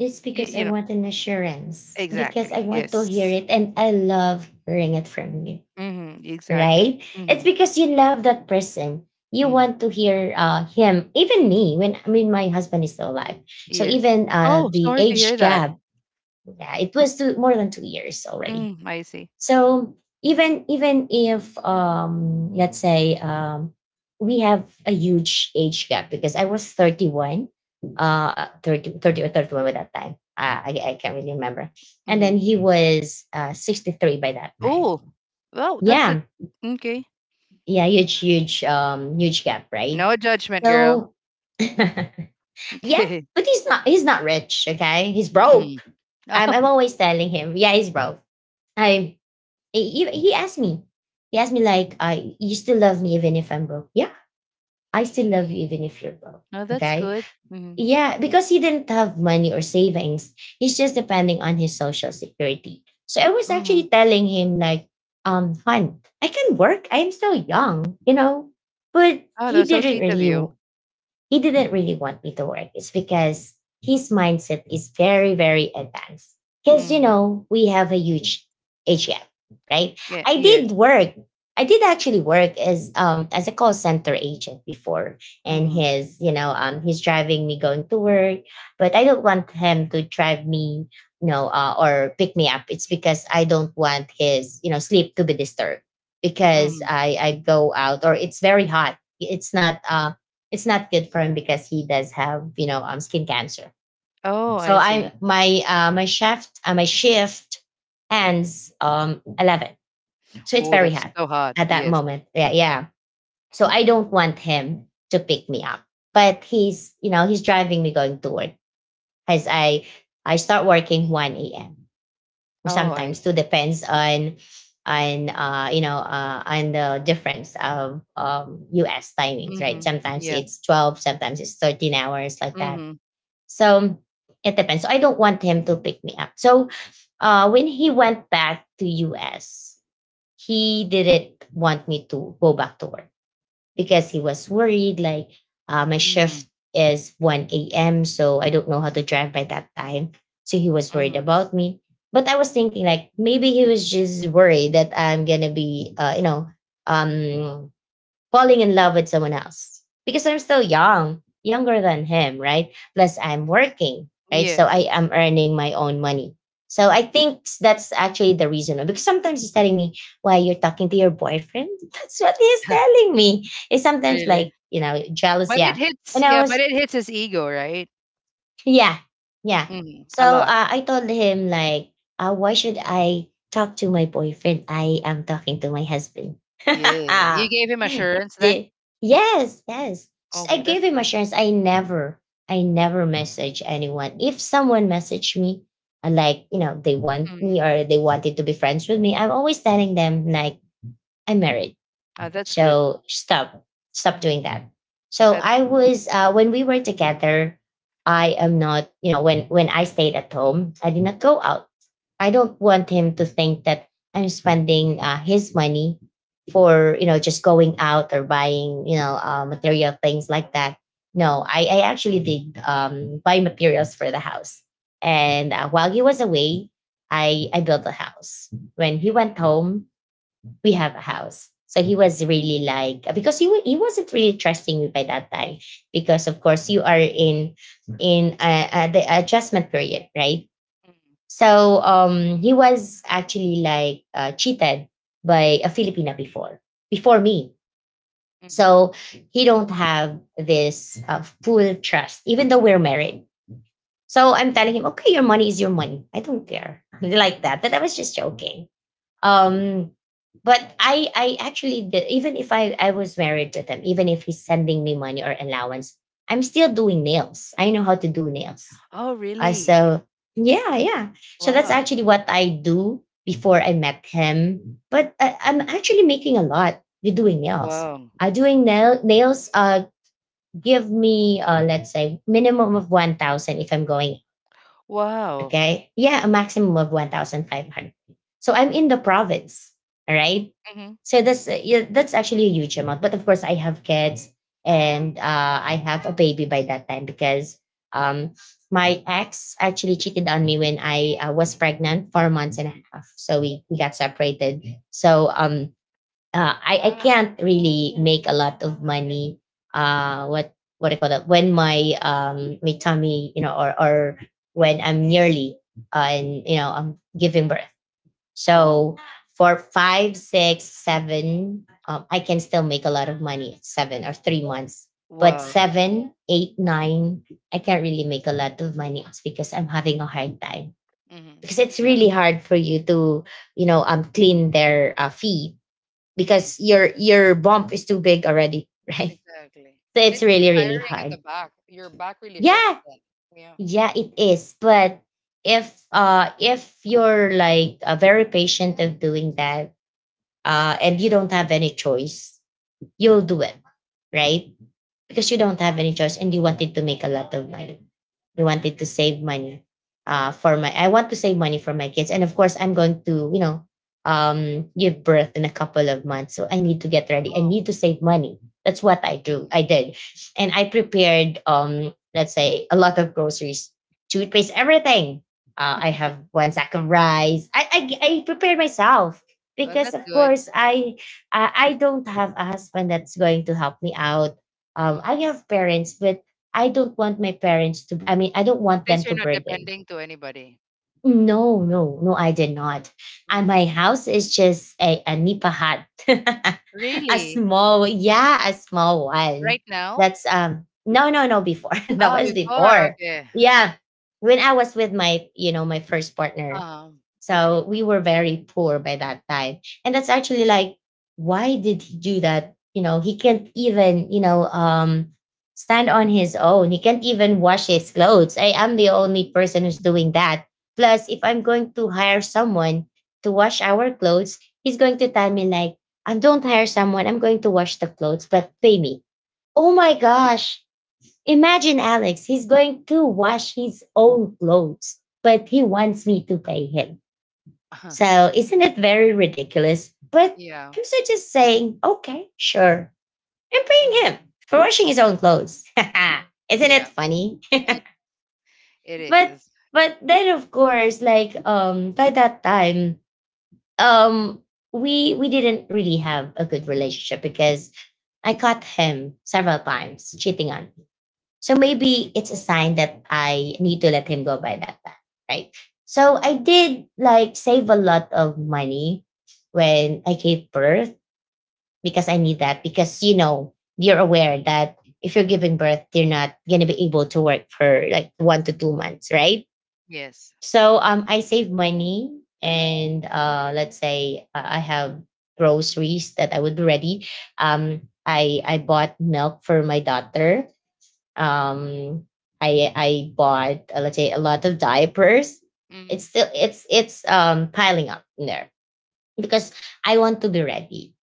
Speaker 1: it's
Speaker 2: You,
Speaker 1: because
Speaker 2: you
Speaker 1: I
Speaker 2: know,
Speaker 1: want an assurance, because
Speaker 2: exactly.
Speaker 1: I want to hear
Speaker 2: Yes.
Speaker 1: it, and I love hearing it from you,
Speaker 2: Mhm, exactly.
Speaker 1: right? It's
Speaker 2: Mhm.
Speaker 1: because you love that person. You
Speaker 2: Mhm.
Speaker 1: want to hear uh, him, even me, when I mean my husband is still alive. So
Speaker 2: Yes.
Speaker 1: even uh,
Speaker 2: Oh,
Speaker 1: the
Speaker 2: sorry to hear
Speaker 1: age
Speaker 2: that.
Speaker 1: gap, yeah, it was two, more than two years already.
Speaker 2: Mm, I see.
Speaker 1: So even even if, um, let's say, um, we have a huge age gap because I was thirty-one, uh, thirty thirty or thirty-one by that time. Uh, I, I can't really remember. And
Speaker 2: Mm-hmm.
Speaker 1: then he was uh, sixty-three by that time.
Speaker 2: Oh, well, that's it.
Speaker 1: Yeah,
Speaker 2: Okay.
Speaker 1: yeah, huge huge um huge gap, right?
Speaker 2: No judgment, girl.
Speaker 1: So, yeah,
Speaker 2: Okay.
Speaker 1: but he's not he's not rich, okay, he's
Speaker 2: Mm.
Speaker 1: broke. I'm, I'm always telling him, yeah, he's broke. I he, he asked me, he asked me like, I You still love me even if I'm broke?" "Yeah, I still love you even if you're broke."
Speaker 2: Oh, no, that's
Speaker 1: Okay.
Speaker 2: good. Hmm.
Speaker 1: Yeah, because he didn't have money or savings. He's just depending on his social security. So I was
Speaker 2: Hmm.
Speaker 1: actually telling him, like, um, "Hunt, I can work. I am still young, you know." But
Speaker 2: Oh,
Speaker 1: he
Speaker 2: that's so
Speaker 1: didn't
Speaker 2: sweet of
Speaker 1: really
Speaker 2: you.
Speaker 1: he didn't really want me to work. It's because his mindset is very, very advanced. Because, you
Speaker 2: Mm.
Speaker 1: know, we have a huge age gap, right?
Speaker 2: Yeah.
Speaker 1: I did
Speaker 2: Yes.
Speaker 1: work. I did actually work as um as a call center agent before, and
Speaker 2: Mm-hmm.
Speaker 1: his you know um he's driving me going to work, but I don't want him to drive me, you know uh, or pick me up. It's because I don't want his, you know sleep to be disturbed because
Speaker 2: Hmm.
Speaker 1: I I go out, or it's very hot. It's not um it's not good for him because he does have, you know um skin cancer.
Speaker 2: Oh,
Speaker 1: So
Speaker 2: I
Speaker 1: I
Speaker 2: see.
Speaker 1: my uh, my shift uh, my shift ends um eleven, so it's
Speaker 2: Oh,
Speaker 1: very
Speaker 2: that's
Speaker 1: hot
Speaker 2: so hot.
Speaker 1: at that
Speaker 2: Yes.
Speaker 1: moment. Yeah, yeah. So I don't want him to pick me up, but he's you know he's driving me going to work, as I I start working one a m,
Speaker 2: Oh, I
Speaker 1: sometimes too,
Speaker 2: see.
Speaker 1: depends on on uh, you know uh, on the difference of, um, us timings, right?
Speaker 2: Hmm.
Speaker 1: Sometimes
Speaker 2: Yeah.
Speaker 1: it's twelve, sometimes it's thirteen hours, like that.
Speaker 2: Hmm.
Speaker 1: So it depends, so I don't want him to pick me up. So uh, when he went back to us, he didn't want me to go back to work because he was worried. Like, uh, my
Speaker 2: Hmm.
Speaker 1: shift is one a.m, so I don't know how to drive by that time, so he was worried
Speaker 2: Hmm.
Speaker 1: about me. But I was thinking, like, maybe he was just worried that I'm gonna be, uh, you know um falling in love with someone else, because I'm still young, younger than him, right? Plus, I'm working, right? So
Speaker 2: Yes.
Speaker 1: I am earning my own money. So I think that's actually the reason. Because sometimes he's telling me, "Why you're talking to your boyfriend?" That's what he's telling me. It's sometimes
Speaker 2: Really.
Speaker 1: like, you know, jealous,
Speaker 2: But it
Speaker 1: yeah.
Speaker 2: hits.
Speaker 1: And I
Speaker 2: Yeah. But
Speaker 1: was
Speaker 2: it hits his ego, right?
Speaker 1: Yeah, yeah.
Speaker 2: Hmm. A
Speaker 1: So
Speaker 2: lot.
Speaker 1: uh, I told him, like, uh, "Why should I talk to my boyfriend? I am talking to my husband."
Speaker 2: Yeah. You gave him assurance then?
Speaker 1: See? Yes, yes. S-
Speaker 2: Okay,
Speaker 1: I gave
Speaker 2: that's
Speaker 1: him
Speaker 2: good.
Speaker 1: assurance. I never, I never message anyone. If someone messaged me, uh, like you know, they want me
Speaker 2: Mm.
Speaker 1: or they wanted to be friends with me, I'm always telling them like I'm married.
Speaker 2: Ah, that's good.
Speaker 1: So stop, stop doing that. So
Speaker 2: At,
Speaker 1: I was uh, when we were together, I am not, you know, when when I stayed at home, I did not go out. I don't want him to think that I'm spending uh, his money for you know just going out or buying you know uh, material things like that. No, I, I actually did um, buy materials for the house, and uh, while he was away, I I built the house. When he went home, we have a house. So he was really like because he wa- he wasn't really trusting me by that time because of course you are in in uh, uh, the adjustment period, right?
Speaker 2: mm,
Speaker 1: So um he was actually like uh, cheated by a Filipina before before me.
Speaker 2: hmm.
Speaker 1: So he don't have this uh, full trust even though we're married. So I'm telling him, okay, your money is your money. I don't care like that. But I was just joking, um but i i actually did, even if i i was married with him, even if he's sending me money or allowance, I'm still doing nails. I know how to do nails.
Speaker 2: Oh,
Speaker 1: uh,
Speaker 2: really?
Speaker 1: so yeah, yeah. So that's
Speaker 2: Wow.
Speaker 1: actually what I do before I met him, but I, I'm actually making a lot with doing nails.
Speaker 2: Wow.
Speaker 1: uh, doing nail, nails uh give me uh let's say minimum of one thousand if I'm going.
Speaker 2: Wow.
Speaker 1: Okay. Yeah, a maximum of one thousand five hundred. So I'm in the province. All right.
Speaker 2: Hmm.
Speaker 1: So that's uh, yeah, that's actually a huge amount. But of course, I have kids, and uh, I have a baby by that time because, um, my ex actually cheated on me when I uh, was pregnant, four months and a half. So we, we got separated. So um, uh, I, I can't really make a lot of money. Uh, what what I call that when my um my tummy, you know, or or when I'm nearly uh, and you know I'm giving birth.
Speaker 2: Oh,
Speaker 1: So for five, six, seven, um, I can still make a lot of money at seven or three months. But
Speaker 2: wow.
Speaker 1: seven, eight, nine, I can't really make a lot of money. It's because I'm having a hard time
Speaker 2: Hmm.
Speaker 1: because it's
Speaker 2: Yeah.
Speaker 1: really hard for you to, you know, um, clean their uh, feet
Speaker 2: Yeah,
Speaker 1: because your your bump is too big already, right?
Speaker 2: exactly.
Speaker 1: So
Speaker 2: And
Speaker 1: it's
Speaker 2: it's too
Speaker 1: really really
Speaker 2: tiring at the
Speaker 1: hard.
Speaker 2: back. Your back really hurts
Speaker 1: Yeah,
Speaker 2: then. Yeah.
Speaker 1: yeah, it is. But if uh if you're like uh, very patient of doing that, uh, and you don't have any choice, you'll do it, right? Because you don't have any choice and you wanted to make a lot of money. You wanted to save money uh, for my, I want to save money for my kids. And of course, I'm going to, you know, um, give birth in a couple of months. So I need to get ready. I
Speaker 2: Wow.
Speaker 1: need to save money. That's what I do.
Speaker 2: Hmm.
Speaker 1: I did. And I prepared, um, let's say, a lot of groceries, toothpaste, everything. Uh, I have one sack of rice. I, I, I prepared myself
Speaker 2: Well,
Speaker 1: because,
Speaker 2: that's
Speaker 1: of
Speaker 2: good.
Speaker 1: course, I I I don't have a husband that's going to help me out. um, I
Speaker 2: Mm.
Speaker 1: have parents, but I don't want my parents to, I mean, I don't
Speaker 2: At
Speaker 1: want
Speaker 2: least
Speaker 1: them
Speaker 2: you're
Speaker 1: to
Speaker 2: not
Speaker 1: burden.
Speaker 2: depending to anybody.
Speaker 1: No, no, no, I did not. And my
Speaker 2: Mm.
Speaker 1: house is just a, a Nipa hut, a
Speaker 2: Really?
Speaker 1: small, yeah, a small
Speaker 2: Right
Speaker 1: one.
Speaker 2: now?
Speaker 1: That's, um, no, no, no, before. That
Speaker 2: Ah,
Speaker 1: was
Speaker 2: before.
Speaker 1: before.
Speaker 2: Okay.
Speaker 1: Yeah. When I was with my, you know, my first partner,
Speaker 2: Um. Okay.
Speaker 1: so we were very poor by that time. And that's actually like, why did he do that? You know, he can't even, you know, um, stand on his own. He can't even wash his clothes. I am the
Speaker 2: Mm.
Speaker 1: only person who's doing that. Plus, if I'm going to hire someone to wash our clothes, he's going to tell me like, I don't hire someone. I'm going to wash the clothes, but pay me. Oh my gosh. Imagine Alex, he's going to wash his own clothes, but he wants me to pay him. So isn't it very ridiculous? But
Speaker 2: Yeah.
Speaker 1: I'm so just saying, okay, sure. I'm paying him
Speaker 2: Mhm.
Speaker 1: for washing his own clothes. Isn't
Speaker 2: Yeah.
Speaker 1: it funny?
Speaker 2: Yeah. It
Speaker 1: But
Speaker 2: is.
Speaker 1: but then of course, like um by that time, um we we didn't really have a good relationship because I caught him several times cheating on, so maybe
Speaker 2: Mm,
Speaker 1: it's a sign that I need to let him go by that time, right? So I did like save a lot of money when I gave birth because I need that because you know you're aware that if you're giving birth you're not going to be able to work for like one to two months, right?
Speaker 2: yes.
Speaker 1: So um I save money and uh let's say I I have groceries that I would be ready. Um I I bought milk for my daughter. um I I bought uh, let's say a lot of diapers.
Speaker 2: Mm-hmm.
Speaker 1: It's still it's it's um piling up in there because I want to be ready,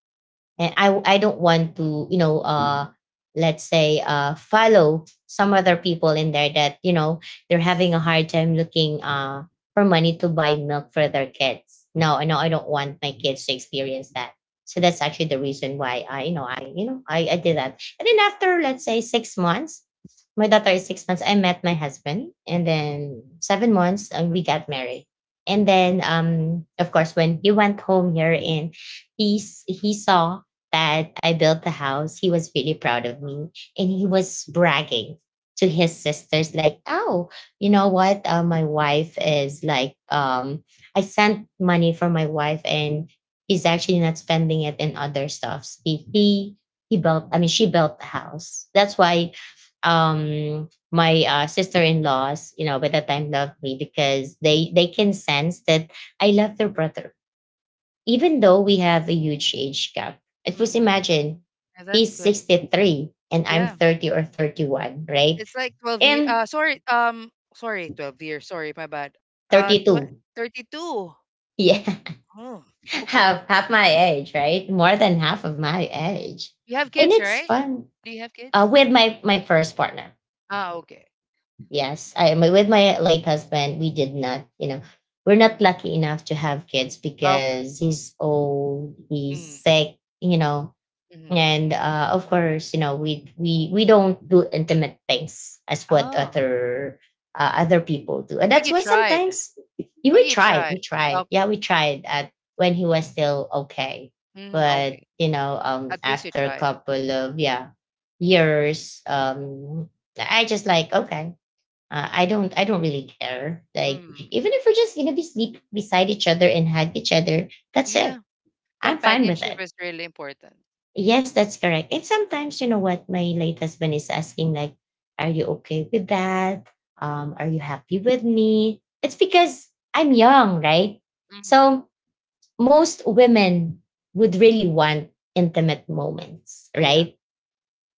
Speaker 1: and i i don't want to you know uh let's say uh follow some other people in there that you know they're having a hard time looking uh for money to buy milk for their kids. No, I know I don't want my kids to experience that. So that's actually the reason why I you know I you know I, I did that. And then after let's say six months, my daughter is six months, I met my husband, and then seven months and we got married. And then um of course when he went home here and he s- he saw that I built the house, he was really proud of me, and he was bragging to his sisters like, "Oh, you know what? Uh, my wife is like, um I sent money for my wife, and he's actually not spending it in other stuffs. He he he built, I mean she built the house. That's why um my uh, sister-in-laws you know by that time loved me because they they can sense that I love their brother, even though we have a huge age gap, at first
Speaker 2: Mm-hmm.
Speaker 1: imagine,
Speaker 2: That's
Speaker 1: he's
Speaker 2: good.
Speaker 1: sixty-three and I'm
Speaker 2: Yeah.
Speaker 1: thirty or thirty-one, right?
Speaker 2: It's like twelve years.
Speaker 1: And
Speaker 2: Uh, sorry. Um, sorry, twelve years. Sorry, my bad. Uh, tw
Speaker 1: thirty-two.
Speaker 2: thirty-two.
Speaker 1: Yeah,
Speaker 2: Oh,
Speaker 1: half,
Speaker 2: okay.
Speaker 1: half my age, right? More than half of my age.
Speaker 2: You have
Speaker 1: And
Speaker 2: kids,
Speaker 1: it's
Speaker 2: right?
Speaker 1: fun.
Speaker 2: Do you have
Speaker 1: Uh,
Speaker 2: kids?
Speaker 1: with my, my first partner.
Speaker 2: Ah, okay.
Speaker 1: Yes, I am. With my late husband, we did not, you know, we're
Speaker 2: Mm.
Speaker 1: not lucky enough to have kids
Speaker 2: Okay.
Speaker 1: because he's old, he's
Speaker 2: Mm.
Speaker 1: sick, you know,
Speaker 2: Mm-hmm.
Speaker 1: and uh, of course you know we we we don't do intimate things as what
Speaker 2: Oh,
Speaker 1: other uh, other people do. And
Speaker 2: but
Speaker 1: that's
Speaker 2: you
Speaker 1: why
Speaker 2: tried.
Speaker 1: sometimes yeah,
Speaker 2: But
Speaker 1: we
Speaker 2: you
Speaker 1: tried we
Speaker 2: tried.
Speaker 1: tried yeah
Speaker 2: Okay.
Speaker 1: we tried, at when he was still okay,
Speaker 2: Mm,
Speaker 1: but
Speaker 2: okay.
Speaker 1: you know um
Speaker 2: At least you
Speaker 1: after a
Speaker 2: tried.
Speaker 1: couple of, yeah, years, um I just like okay, uh, i don't I don't really care like,
Speaker 2: Mm.
Speaker 1: even if we're just gonna be sleep beside each other and hug each other, that's
Speaker 2: Yeah.
Speaker 1: it, I'm fine with
Speaker 2: Companionship
Speaker 1: it.
Speaker 2: is really important.
Speaker 1: Yes, that's correct. And sometimes, you know what, my late husband is asking, like, are you okay with that? Um, are you happy with me? It's because I'm young, right?
Speaker 2: Mhm.
Speaker 1: So most women would really want intimate moments,
Speaker 2: Yeah.
Speaker 1: right?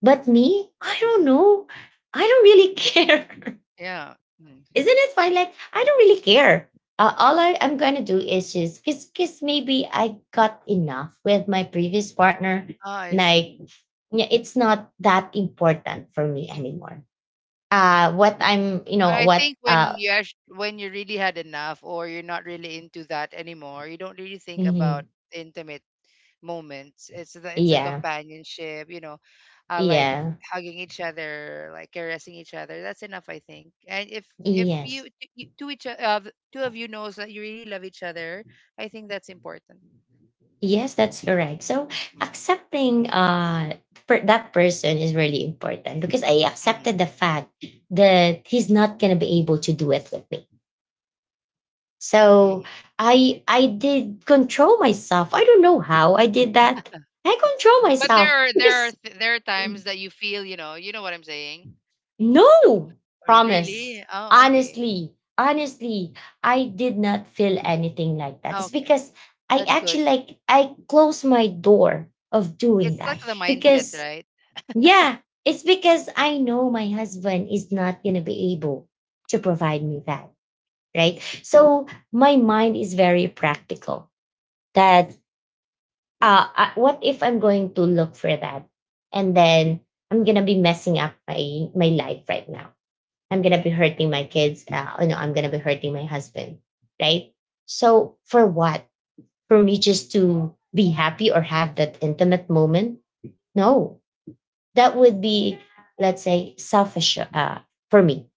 Speaker 1: But me, I don't know. I don't really care.
Speaker 2: Yeah. Mm.
Speaker 1: Isn't it fine? Like I don't really care. Uh, all I, I'm gonna do is just cause, cause maybe I got enough with my previous partner.
Speaker 2: Ah, I see.
Speaker 1: Like yeah, it's not that important for me
Speaker 2: Mm.
Speaker 1: anymore. Uh what I'm you know,
Speaker 2: I
Speaker 1: what
Speaker 2: think when
Speaker 1: uh
Speaker 2: you act- when you really had enough or you're not really into that anymore, you don't really think about
Speaker 1: mhm.
Speaker 2: intimate moments. It's the, it's a
Speaker 1: Yeah,
Speaker 2: companionship, you know, uh, like
Speaker 1: yeah,
Speaker 2: hugging each other, like caressing each other. That's enough, I think. And if if you,
Speaker 1: yes.
Speaker 2: t- you two each o- uh, two of you knows that you really love each other, I think that's important.
Speaker 1: Yes, that's correct. So
Speaker 2: Hmm.
Speaker 1: accepting uh per- that person is really important because I
Speaker 2: Hmm.
Speaker 1: accepted the fact that he's not gonna be able to do it with me. So
Speaker 2: Hmm.
Speaker 1: I I did control myself. I don't know how I did that. I control
Speaker 2: But there
Speaker 1: myself
Speaker 2: are there are
Speaker 1: because
Speaker 2: th- there are times that you feel, you know, you know what I'm saying.
Speaker 1: no,
Speaker 2: Oh,
Speaker 1: promise.
Speaker 2: really? Oh, okay.
Speaker 1: Honestly, honestly, I did not feel anything like that.
Speaker 2: Oh,
Speaker 1: It's
Speaker 2: okay.
Speaker 1: because I
Speaker 2: That's good.
Speaker 1: actually like I close my door of doing
Speaker 2: It's like
Speaker 1: that
Speaker 2: the mindset,
Speaker 1: because
Speaker 2: right?
Speaker 1: yeah, it's because I know my husband is not gonna be able to provide me that. Right. So my mind is very practical that uh, uh, what if I'm going to look for that? And then I'm gonna be messing up my my life right now. I'm gonna be hurting my kids. Uh, you know, I'm gonna be hurting my husband, right? So for what? For me just to be happy or have that intimate moment? No, that would be, let's say, selfish uh, for me.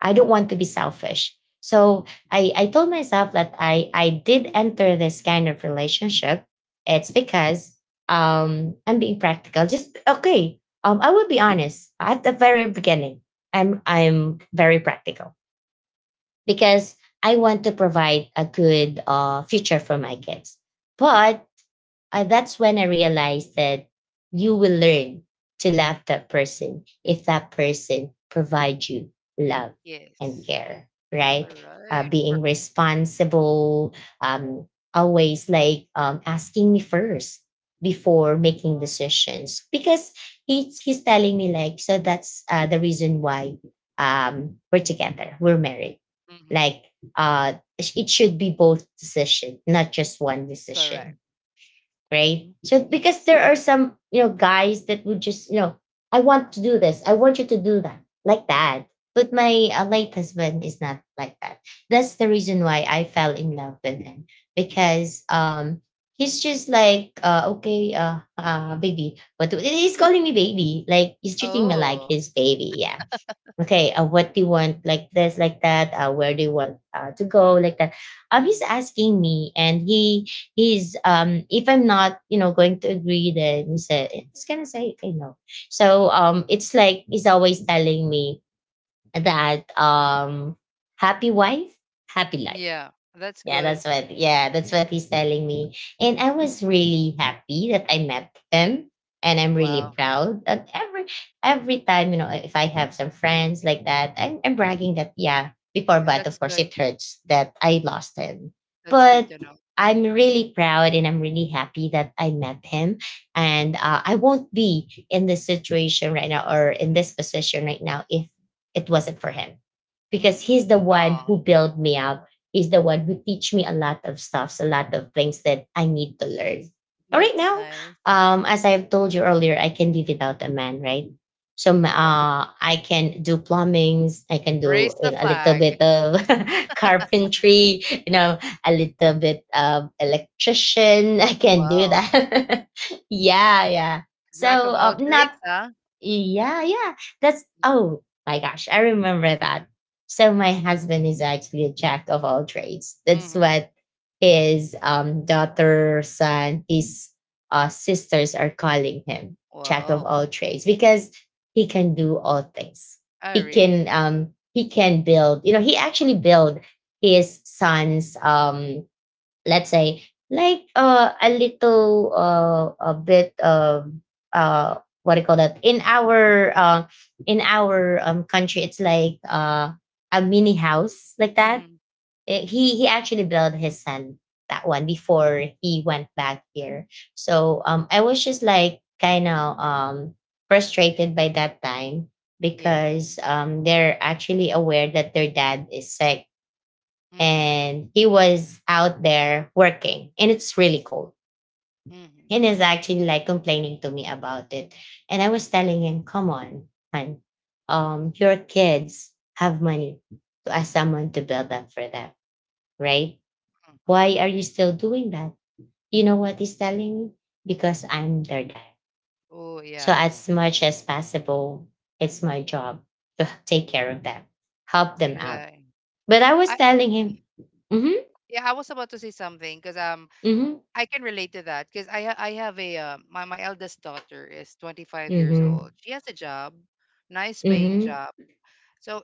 Speaker 1: I don't want to be selfish. So I, I told myself that I, I did enter this kind of relationship. It's because um, I'm being practical. Just okay. Um, I will be honest. At the very beginning, I'm I'm very practical because I want to provide a good uh, future for my kids. But uh, that's when I realized that you will learn to love that person if that person provides you love and
Speaker 2: Yes.
Speaker 1: care,
Speaker 2: All
Speaker 1: right? Uh,
Speaker 2: right.
Speaker 1: being responsible, um, always like um, asking me first before making decisions because he, he's telling me like so that's uh, the reason why um, we're together, we're married
Speaker 2: Mm-hmm.
Speaker 1: like uh, it should be both decision, not just one
Speaker 2: Correct.
Speaker 1: decision, right?
Speaker 2: Mm,
Speaker 1: So because there
Speaker 2: yes.
Speaker 1: are some, you know, guys that would just, you know, I want to do this. I want you to do that. Like that. But my uh, late husband is not like that. That's the reason why I fell in love with him because um he's just like uh okay, uh uh baby, but he's calling me baby, like he's treating me like
Speaker 2: Oh,
Speaker 1: his baby, yeah, okay, uh, what do you want, like this, like that, uh, where do you want uh, to go, like that. Um he's
Speaker 2: mhm.
Speaker 1: asking me, and he he's um if I'm not, you know, going to agree, then he said he's gonna say okay no. So um it's like he's always telling me that um happy wife, happy life.
Speaker 2: Yeah, that's
Speaker 1: Yeah,
Speaker 2: good.
Speaker 1: that's what. Yeah, that's what he's telling me. And I was really happy that I met him, and I'm
Speaker 2: Wow.
Speaker 1: really proud that every every time, you know, if I have some friends like that, I'm, I'm bragging that yeah before,
Speaker 2: Yeah,
Speaker 1: but
Speaker 2: that's
Speaker 1: of course
Speaker 2: good.
Speaker 1: it hurts that I lost him.
Speaker 2: That's good
Speaker 1: But
Speaker 2: to know.
Speaker 1: I'm really proud and I'm really happy that I met him, and uh, I won't be in this situation right now or in this position right now if it wasn't for him,
Speaker 2: Mm.
Speaker 1: because he's the one
Speaker 2: Oh,
Speaker 1: who built me up, is the one who teach me a lot of stuffs, a lot of things that I need to learn. All right,
Speaker 2: that's
Speaker 1: now,
Speaker 2: nice.
Speaker 1: um, as I've told you earlier, I can live without a man, right? So m-
Speaker 2: What?
Speaker 1: uh, I can do plumbings. I can
Speaker 2: Raise
Speaker 1: do,
Speaker 2: the
Speaker 1: you know, a little
Speaker 2: flag.
Speaker 1: bit of carpentry. You know, a little bit of electrician. I can do
Speaker 2: Wow.
Speaker 1: that. Yeah, yeah. So
Speaker 2: Jack of all
Speaker 1: um, not
Speaker 2: trades, huh?
Speaker 1: yeah, yeah. That's oh my gosh, I remember that. So my husband is actually a jack of all trades. That's
Speaker 2: Mm-hmm.
Speaker 1: what his um daughter, son, his uh sisters are calling him, jack of
Speaker 2: Wow.
Speaker 1: all trades, because he can do all things.
Speaker 2: Oh,
Speaker 1: He
Speaker 2: really?
Speaker 1: can um he can build, you know, he actually built his son's um let's say like uh, a little uh, a bit of uh, what do you call that, in our uh, in our um, country, it's like uh, a mini house, like that.
Speaker 2: Mm-hmm.
Speaker 1: Eh, he he actually built his son that one before he went back here. So um I was just like kind of um frustrated by that time
Speaker 2: Yeah.
Speaker 1: because um they're actually aware that their dad is sick,
Speaker 2: Mm-hmm.
Speaker 1: and he was out there working, and it's really cold,
Speaker 2: Mm-hmm.
Speaker 1: and is actually like complaining to me about it. And I was telling him, come on, man. Um your kids have money to ask someone to build that for them, right?
Speaker 2: Mm-hmm.
Speaker 1: Why are you still doing that? You know what he's telling me? Because I'm their dad.
Speaker 2: Oh,
Speaker 1: So
Speaker 2: yeah.
Speaker 1: as much as possible, it's my job to take care of them, help them out.
Speaker 2: Exactly.
Speaker 1: But I
Speaker 2: I
Speaker 1: was telling him, mm-hmm
Speaker 2: yeah, I was about to say something because um
Speaker 1: mm-hmm
Speaker 2: I can relate to that because I ha- I have a uh, my my eldest daughter is twenty-five years old.
Speaker 1: mm-hmm
Speaker 2: She has a job, nice paying
Speaker 1: mm-hmm
Speaker 2: job. So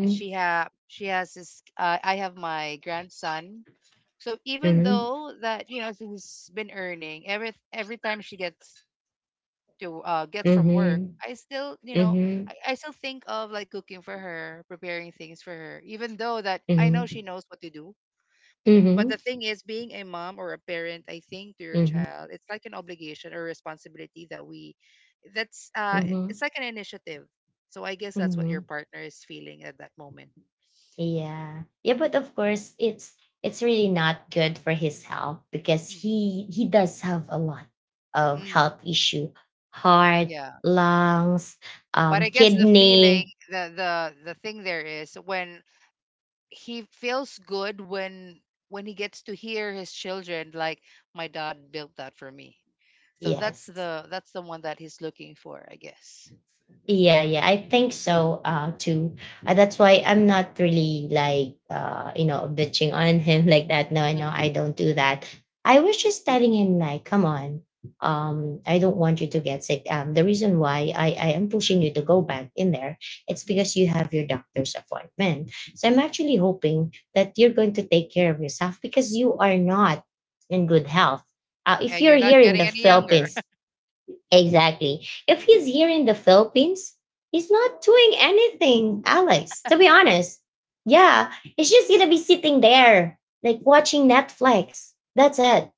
Speaker 2: she ha she has this uh, I have my grandson. So even
Speaker 1: mhm,
Speaker 2: though that you know she's been earning every every time she gets to uh gets from work,
Speaker 1: mhm,
Speaker 2: I still you know I,
Speaker 1: mhm,
Speaker 2: I still think of like cooking for her, preparing things for her, even though that I know she
Speaker 1: mhm,
Speaker 2: knows what to do. But the
Speaker 1: mhm,
Speaker 2: thing is, being a mom or a parent, I think to your
Speaker 1: mhm,
Speaker 2: child, it's like an obligation or responsibility that we, that's uh, i- it's
Speaker 1: mhm,
Speaker 2: like an initiative. So I guess that's what your
Speaker 1: mhm.
Speaker 2: partner is feeling at that moment.
Speaker 1: Yeah. Yeah, but of course it's it's really not good for his health because
Speaker 2: Mhm.
Speaker 1: he he does have a lot of
Speaker 2: Mm,
Speaker 1: health issue. Heart,
Speaker 2: yeah,
Speaker 1: lungs,
Speaker 2: but I
Speaker 1: um,
Speaker 2: guess the feeling,
Speaker 1: kidney.
Speaker 2: the the the thing there is when he feels good when when he gets to hear his children like my dad built that for me. So that's
Speaker 1: Yes.
Speaker 2: the that's the one that he's looking for, I guess.
Speaker 1: Yeah, yeah, I think so uh, too. Uh, that's why I'm not really like uh, you know, bitching on him like that. No, no,
Speaker 2: Mm-hmm.
Speaker 1: I don't do that. I was just telling him, like, come on, um, I don't want you to get sick. Um, the reason why I I am pushing you to go back in there, it's
Speaker 2: Mm-hmm.
Speaker 1: because you have your doctor's appointment. So I'm
Speaker 2: Mm-hmm.
Speaker 1: actually hoping that you're going to take care of yourself because you are not in good health. Uh,
Speaker 2: And
Speaker 1: if
Speaker 2: you're
Speaker 1: you're
Speaker 2: not
Speaker 1: here in
Speaker 2: getting
Speaker 1: the
Speaker 2: any younger.
Speaker 1: Philippines. Exactly. If he's here in the Philippines, he's not doing anything, Alex, to be honest. Yeah, he's just going to be sitting there, like watching Netflix. That's it.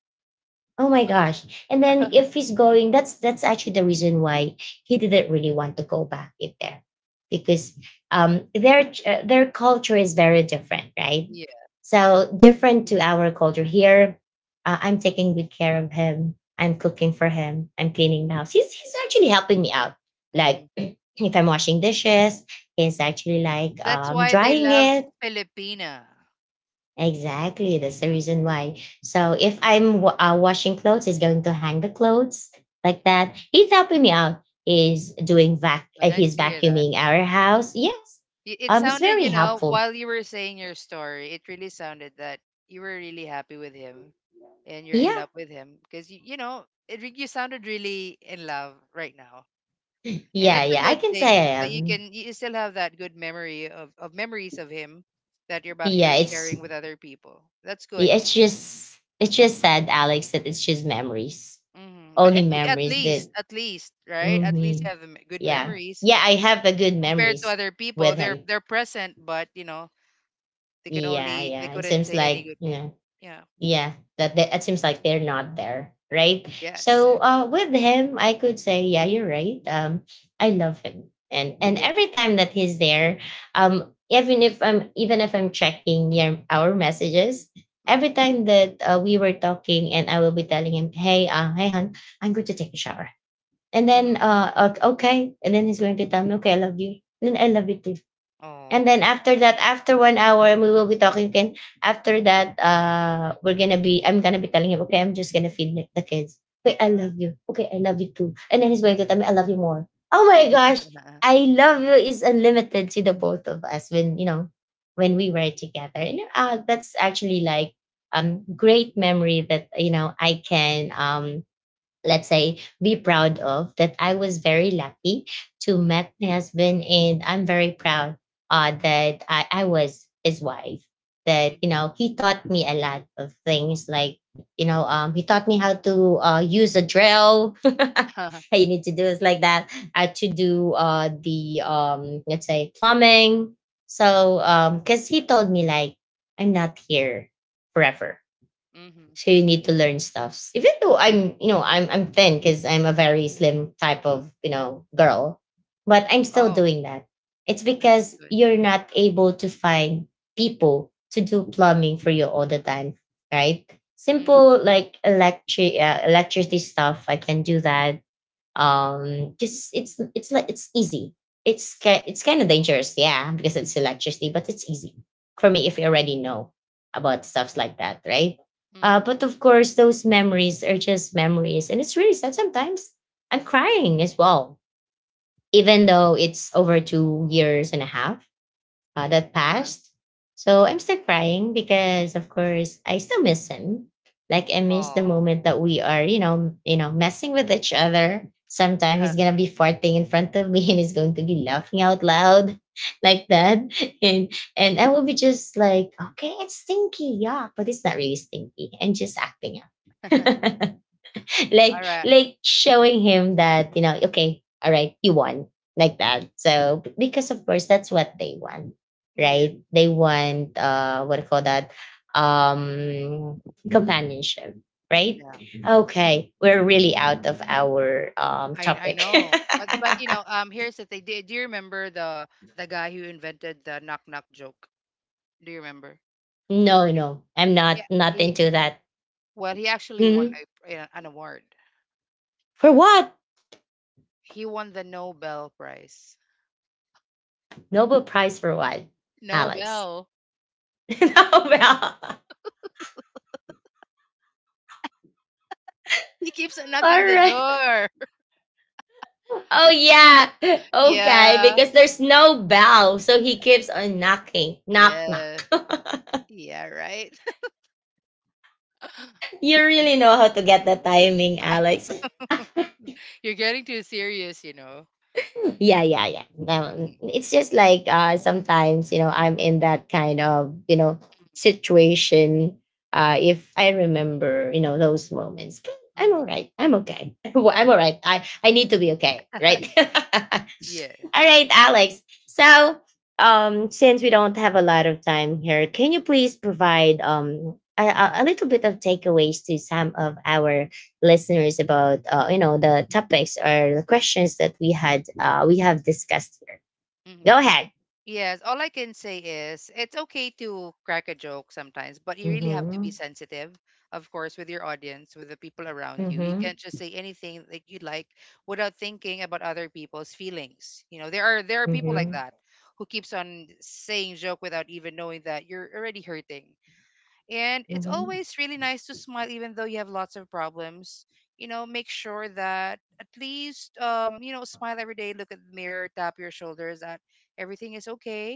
Speaker 1: Oh my gosh. And then if he's going, that's that's actually the reason why he didn't really want to go back in there
Speaker 2: Mhm.
Speaker 1: because um their uh, their culture is very different, right?
Speaker 2: Yeah.
Speaker 1: So different to our culture here. Uh, I'm taking good care of him. I'm cooking for him. I'm cleaning the house. He's he's actually helping me out.
Speaker 2: Hmm.
Speaker 1: Like if I'm washing dishes, he's actually like
Speaker 2: That's
Speaker 1: um
Speaker 2: why they
Speaker 1: drying
Speaker 2: love
Speaker 1: it.
Speaker 2: Filipina.
Speaker 1: Exactly. That's the reason why. So if I'm wa- uh, washing clothes, he's going to hang the clothes
Speaker 2: Mm.
Speaker 1: like that. He's helping me out. He's doing vac.
Speaker 2: Well,
Speaker 1: Uh,
Speaker 2: nice to
Speaker 1: he's
Speaker 2: hear that.
Speaker 1: vacuuming our house. Yes.
Speaker 2: Y- it
Speaker 1: Um, it's
Speaker 2: sounded, you
Speaker 1: very
Speaker 2: know, while
Speaker 1: helpful.
Speaker 2: you were saying your story, it really sounded that you were really happy with him and you're in love
Speaker 1: Yeah.
Speaker 2: with him because you, you know, it, re- you sounded really in love right now. And that's
Speaker 1: Yeah.
Speaker 2: a
Speaker 1: Yeah.
Speaker 2: good
Speaker 1: I can say
Speaker 2: thing that
Speaker 1: I
Speaker 2: you
Speaker 1: am.
Speaker 2: can you still have that good memory of, of memories of him that you're about you're
Speaker 1: Yeah.
Speaker 2: sharing
Speaker 1: It's
Speaker 2: with other people. That's good.
Speaker 1: yeah, it's just it's just sad, Alex, that it's just memories.
Speaker 2: Mhm. But it's
Speaker 1: Only
Speaker 2: okay at
Speaker 1: memories
Speaker 2: least,
Speaker 1: that.
Speaker 2: at least, right? At least you
Speaker 1: Hmm.
Speaker 2: have m- good
Speaker 1: Yeah.
Speaker 2: memories
Speaker 1: Yeah. I have a good
Speaker 2: compared to
Speaker 1: memories
Speaker 2: other people.
Speaker 1: with
Speaker 2: They're
Speaker 1: him.
Speaker 2: they're present, but you know they can
Speaker 1: Yeah.
Speaker 2: only they
Speaker 1: Yeah. It
Speaker 2: couldn't
Speaker 1: seems
Speaker 2: say any
Speaker 1: like,
Speaker 2: good.
Speaker 1: you know,
Speaker 2: Yeah.
Speaker 1: yeah, that that, that seems like they're not there, right?
Speaker 2: Yes.
Speaker 1: So uh with him, I could say yeah, you're right. um I love him, and and
Speaker 2: Yes.
Speaker 1: every time that he's there, um even if I'm, even if i'm checking your, our messages
Speaker 2: Mm.
Speaker 1: every time that uh, we were talking, and I will be telling him, hey uh hey hon, I'm going to take a shower, and then
Speaker 2: Mm.
Speaker 1: uh o- okay, and then he's going to tell me, okay, I love you, and then, I love you too.
Speaker 2: Oh.
Speaker 1: And then after that, after one hour, we will be talking again. After that, uh, we're gonna be, I'm gonna be telling him, okay, I'm just gonna feed the the kids. Okay, I love you. Okay, I love you too. And then he's going to tell me, I love you more. Oh my gosh, I love you is unlimited to the both of us when, you know, when we were together. And uh, that's actually like um great memory that, you know, I can um let's say be proud of, that I was very lucky to met my husband, and I'm very proud uh, that I, I was his wife,
Speaker 2: Mm.
Speaker 1: that, you know, he taught me a lot of things, like, you know, um, he taught me how to uh, use a drill how you need to do is like that uh, to do uh, the um, let's say plumbing. So because he told me like, I'm not here forever.
Speaker 2: Mm-hmm.
Speaker 1: So you need to learn stuffs. Even though I'm, you know, I'm I'm thin because I'm a very slim type of, you know, girl, but I'm still
Speaker 2: Oh,
Speaker 1: doing that. It's
Speaker 2: that's
Speaker 1: because
Speaker 2: good.
Speaker 1: you're not able to find people to do plumbing for you all the time, right?
Speaker 2: Mm.
Speaker 1: Simple like electric uh, electricity stuff, I can do that. Um, just it's it's like it's easy. It's ki- it's kind of dangerous, yeah, because it's electricity, but it's easy for me if you already know about stuffs like that, right?
Speaker 2: Mm.
Speaker 1: Uh, but of course, those memories are just memories, and it's really sad. Sometimes I'm crying as well, even though it's over two years and a half uh, that
Speaker 2: Uh-huh.
Speaker 1: passed. So I'm still crying because, of course, I still miss him. Like I miss the
Speaker 2: Oh.
Speaker 1: moment that we are, you know, you know, messing with each other. Sometimes he's gonna be farting in front of me and he's going to be laughing out loud like that. And and I will be just like, okay, it's stinky, yeah, but it's not really stinky. I'm just acting out.
Speaker 2: All
Speaker 1: like
Speaker 2: right.
Speaker 1: like showing him that, you know, okay, all right, you won, like that. So because of course that's what they want,
Speaker 2: Yeah.
Speaker 1: right? They want uh what do you call that, um companionship, right?
Speaker 2: Yeah.
Speaker 1: Okay, we're really out of our um
Speaker 2: I I
Speaker 1: topic.
Speaker 2: know. But but you know, um, here's the thing. Do, do you remember the the guy who invented the knock knock joke? Do you remember? Or
Speaker 1: No,
Speaker 2: d-
Speaker 1: no, I'm
Speaker 2: yeah,
Speaker 1: not not
Speaker 2: he
Speaker 1: into that.
Speaker 2: well, he actually won
Speaker 1: Mhm.
Speaker 2: a, a- an award.
Speaker 1: For what?
Speaker 2: He won the Nobel Prize.
Speaker 1: Nobel prize for what? Alex.
Speaker 2: Nobel.
Speaker 1: No, well,
Speaker 2: He keeps on knocking
Speaker 1: all
Speaker 2: the
Speaker 1: right.
Speaker 2: door.
Speaker 1: Oh yeah. Okay,
Speaker 2: Yeah.
Speaker 1: because there's no bell, so he keeps on knocking. Knock
Speaker 2: Yeah.
Speaker 1: knock.
Speaker 2: Yeah, right?
Speaker 1: You really know how to get the timing, Alex.
Speaker 2: You're getting too serious, you know.
Speaker 1: Yeah, yeah, yeah.
Speaker 2: Hmm.
Speaker 1: Um, it's just like uh sometimes, you know, I'm in that kind of, you know, situation. Uh if I remember, you know, those moments. But
Speaker 2: Hmm.
Speaker 1: I'm all right. I'm okay. I'm all right. I, I need to be okay, right?
Speaker 2: Yeah.
Speaker 1: All right, Alex. So, um, since we don't have a lot of time here, can you please provide um a, a a little bit of takeaways to some of our listeners about uh, you know, the topics or the questions that we had uh, we have discussed here?
Speaker 2: Mhm.
Speaker 1: Go ahead.
Speaker 2: Yes, all I can say is it's okay to crack a joke sometimes, but you really have to be
Speaker 1: Mm-hmm.
Speaker 2: sensitive, of course, with your audience, with the people around you. You can't
Speaker 1: Mm-hmm.
Speaker 2: just say anything that you like without thinking about other people's feelings. You know, there are there are people like that
Speaker 1: Mm-hmm.
Speaker 2: who keeps on saying joke without even knowing that you're already hurting. And it's
Speaker 1: Mm-hmm.
Speaker 2: always really nice to smile even though you have lots of problems. You know, make sure that at least um, you know, smile every day, look at the mirror, tap your shoulders that everything is okay.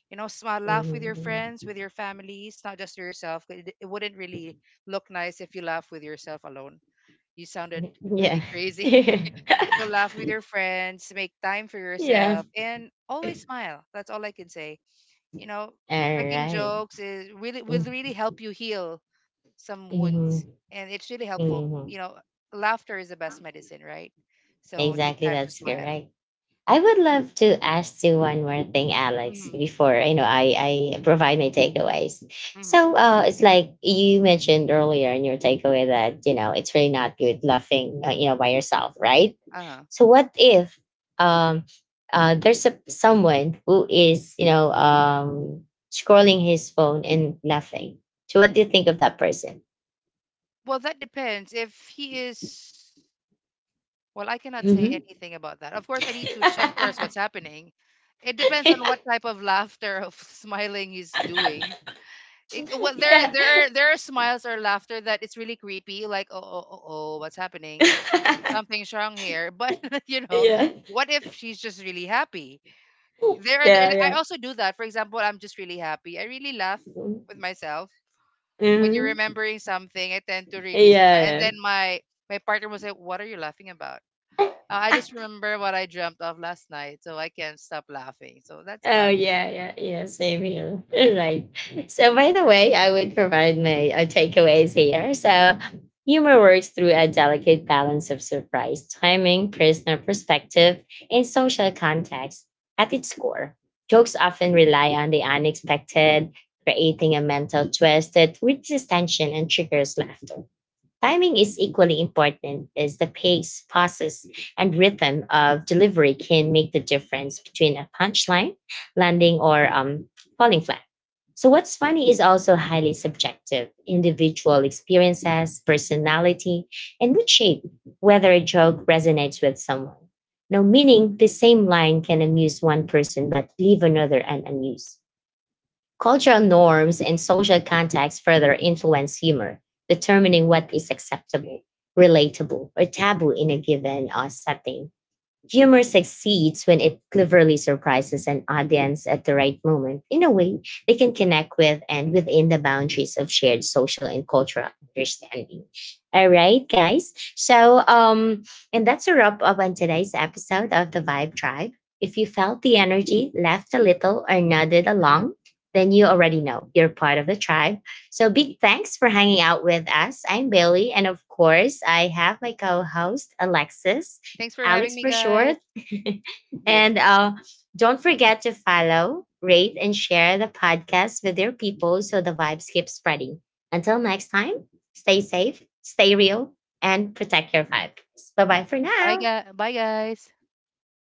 Speaker 2: You know, smile, laugh with your friends,
Speaker 1: Mm-hmm.
Speaker 2: with your families, not just to yourself. It, it wouldn't really look nice if you laugh with yourself alone. You sounded really
Speaker 1: Yeah.
Speaker 2: crazy. So laugh with your friends, make time for yourself,
Speaker 1: Yeah.
Speaker 2: and always smile. That's all I can say. You know,
Speaker 1: All
Speaker 2: cracking
Speaker 1: right.
Speaker 2: jokes is really will really help you heal some wounds,
Speaker 1: Mm-hmm.
Speaker 2: and it's really helpful, you
Speaker 1: Mm-hmm.
Speaker 2: know, laughter is the best medicine, right? So take time
Speaker 1: Exactly.
Speaker 2: to
Speaker 1: That's
Speaker 2: smile.
Speaker 1: correct. I would love to ask you one more thing, Alex,
Speaker 2: Hmm.
Speaker 1: before, you know, I, I provide my takeaways.
Speaker 2: Hmm.
Speaker 1: So uh, it's like you mentioned earlier in your takeaway that, you know, it's really not good laughing uh, you know, by yourself, right?
Speaker 2: Uh-huh.
Speaker 1: So what if um, uh, there's a, someone who is, you know, um, scrolling his phone and laughing? So what do you think of that person?
Speaker 2: Well, that depends if he is, well, I cannot say
Speaker 1: Hmm.
Speaker 2: anything about that. Of course, I need to check first what's
Speaker 1: Yeah.
Speaker 2: happening. It depends on what type of laughter of smiling he's doing. It, well, there,
Speaker 1: Yeah.
Speaker 2: there, are, there are smiles or laughter that it's really creepy. Like, oh, oh, oh, oh, what's happening? Something's wrong here. But you know,
Speaker 1: Yeah.
Speaker 2: what if she's just really happy? There are the,
Speaker 1: Yeah.
Speaker 2: I
Speaker 1: Yeah.
Speaker 2: also do that. For example, I'm just really happy. I really laugh with myself when you're
Speaker 1: Hmm.
Speaker 2: remembering something. I tend to really
Speaker 1: Yeah,
Speaker 2: smile, and then
Speaker 1: yeah.
Speaker 2: my my partner will say, "What are you laughing about?" Uh, I just remember what I dreamt of last night, so I can't stop laughing. So that's about
Speaker 1: Oh,
Speaker 2: it.
Speaker 1: yeah, yeah, yeah. Same here. Right. So, by the way, I would provide my uh, takeaways here. So, humor works through a delicate balance of surprise, timing, personal perspective, and social context. At its core, jokes often rely on the unexpected, creating a mental twist that reduces tension and triggers laughter. Timing is equally important as the pace, pauses, and rhythm of delivery can make the difference between a punchline landing, or um, falling flat. So, what's funny is also highly subjective. Individual experiences, personality, and mood shape whether a joke resonates with someone. Now, meaning the same line can amuse one person but leave another un- unamused. Cultural norms and social context further influence humor, determining what is acceptable, relatable, or taboo in a given uh, setting. Humor succeeds when it cleverly surprises an audience at the right moment in a way they can connect with and within the boundaries of shared social and cultural understanding. All right, guys. So, um, and that's a wrap up on today's episode of the Vibe Tribe. If you felt the energy, laughed a little, or nodded along, then you already know you're part of the tribe. So, big thanks for hanging out with us. I'm Bailey, and of course, I have my co host, Alexis.
Speaker 2: Thanks for having me,
Speaker 1: Alex for
Speaker 2: guys.
Speaker 1: short.
Speaker 2: Yes.
Speaker 1: And uh, don't forget to follow, rate, and share the podcast with your people so the vibes keep spreading. Until next time, stay safe, stay real, and protect your vibes. Bye bye for
Speaker 2: Bye,
Speaker 1: now.
Speaker 2: guys. Bye, guys.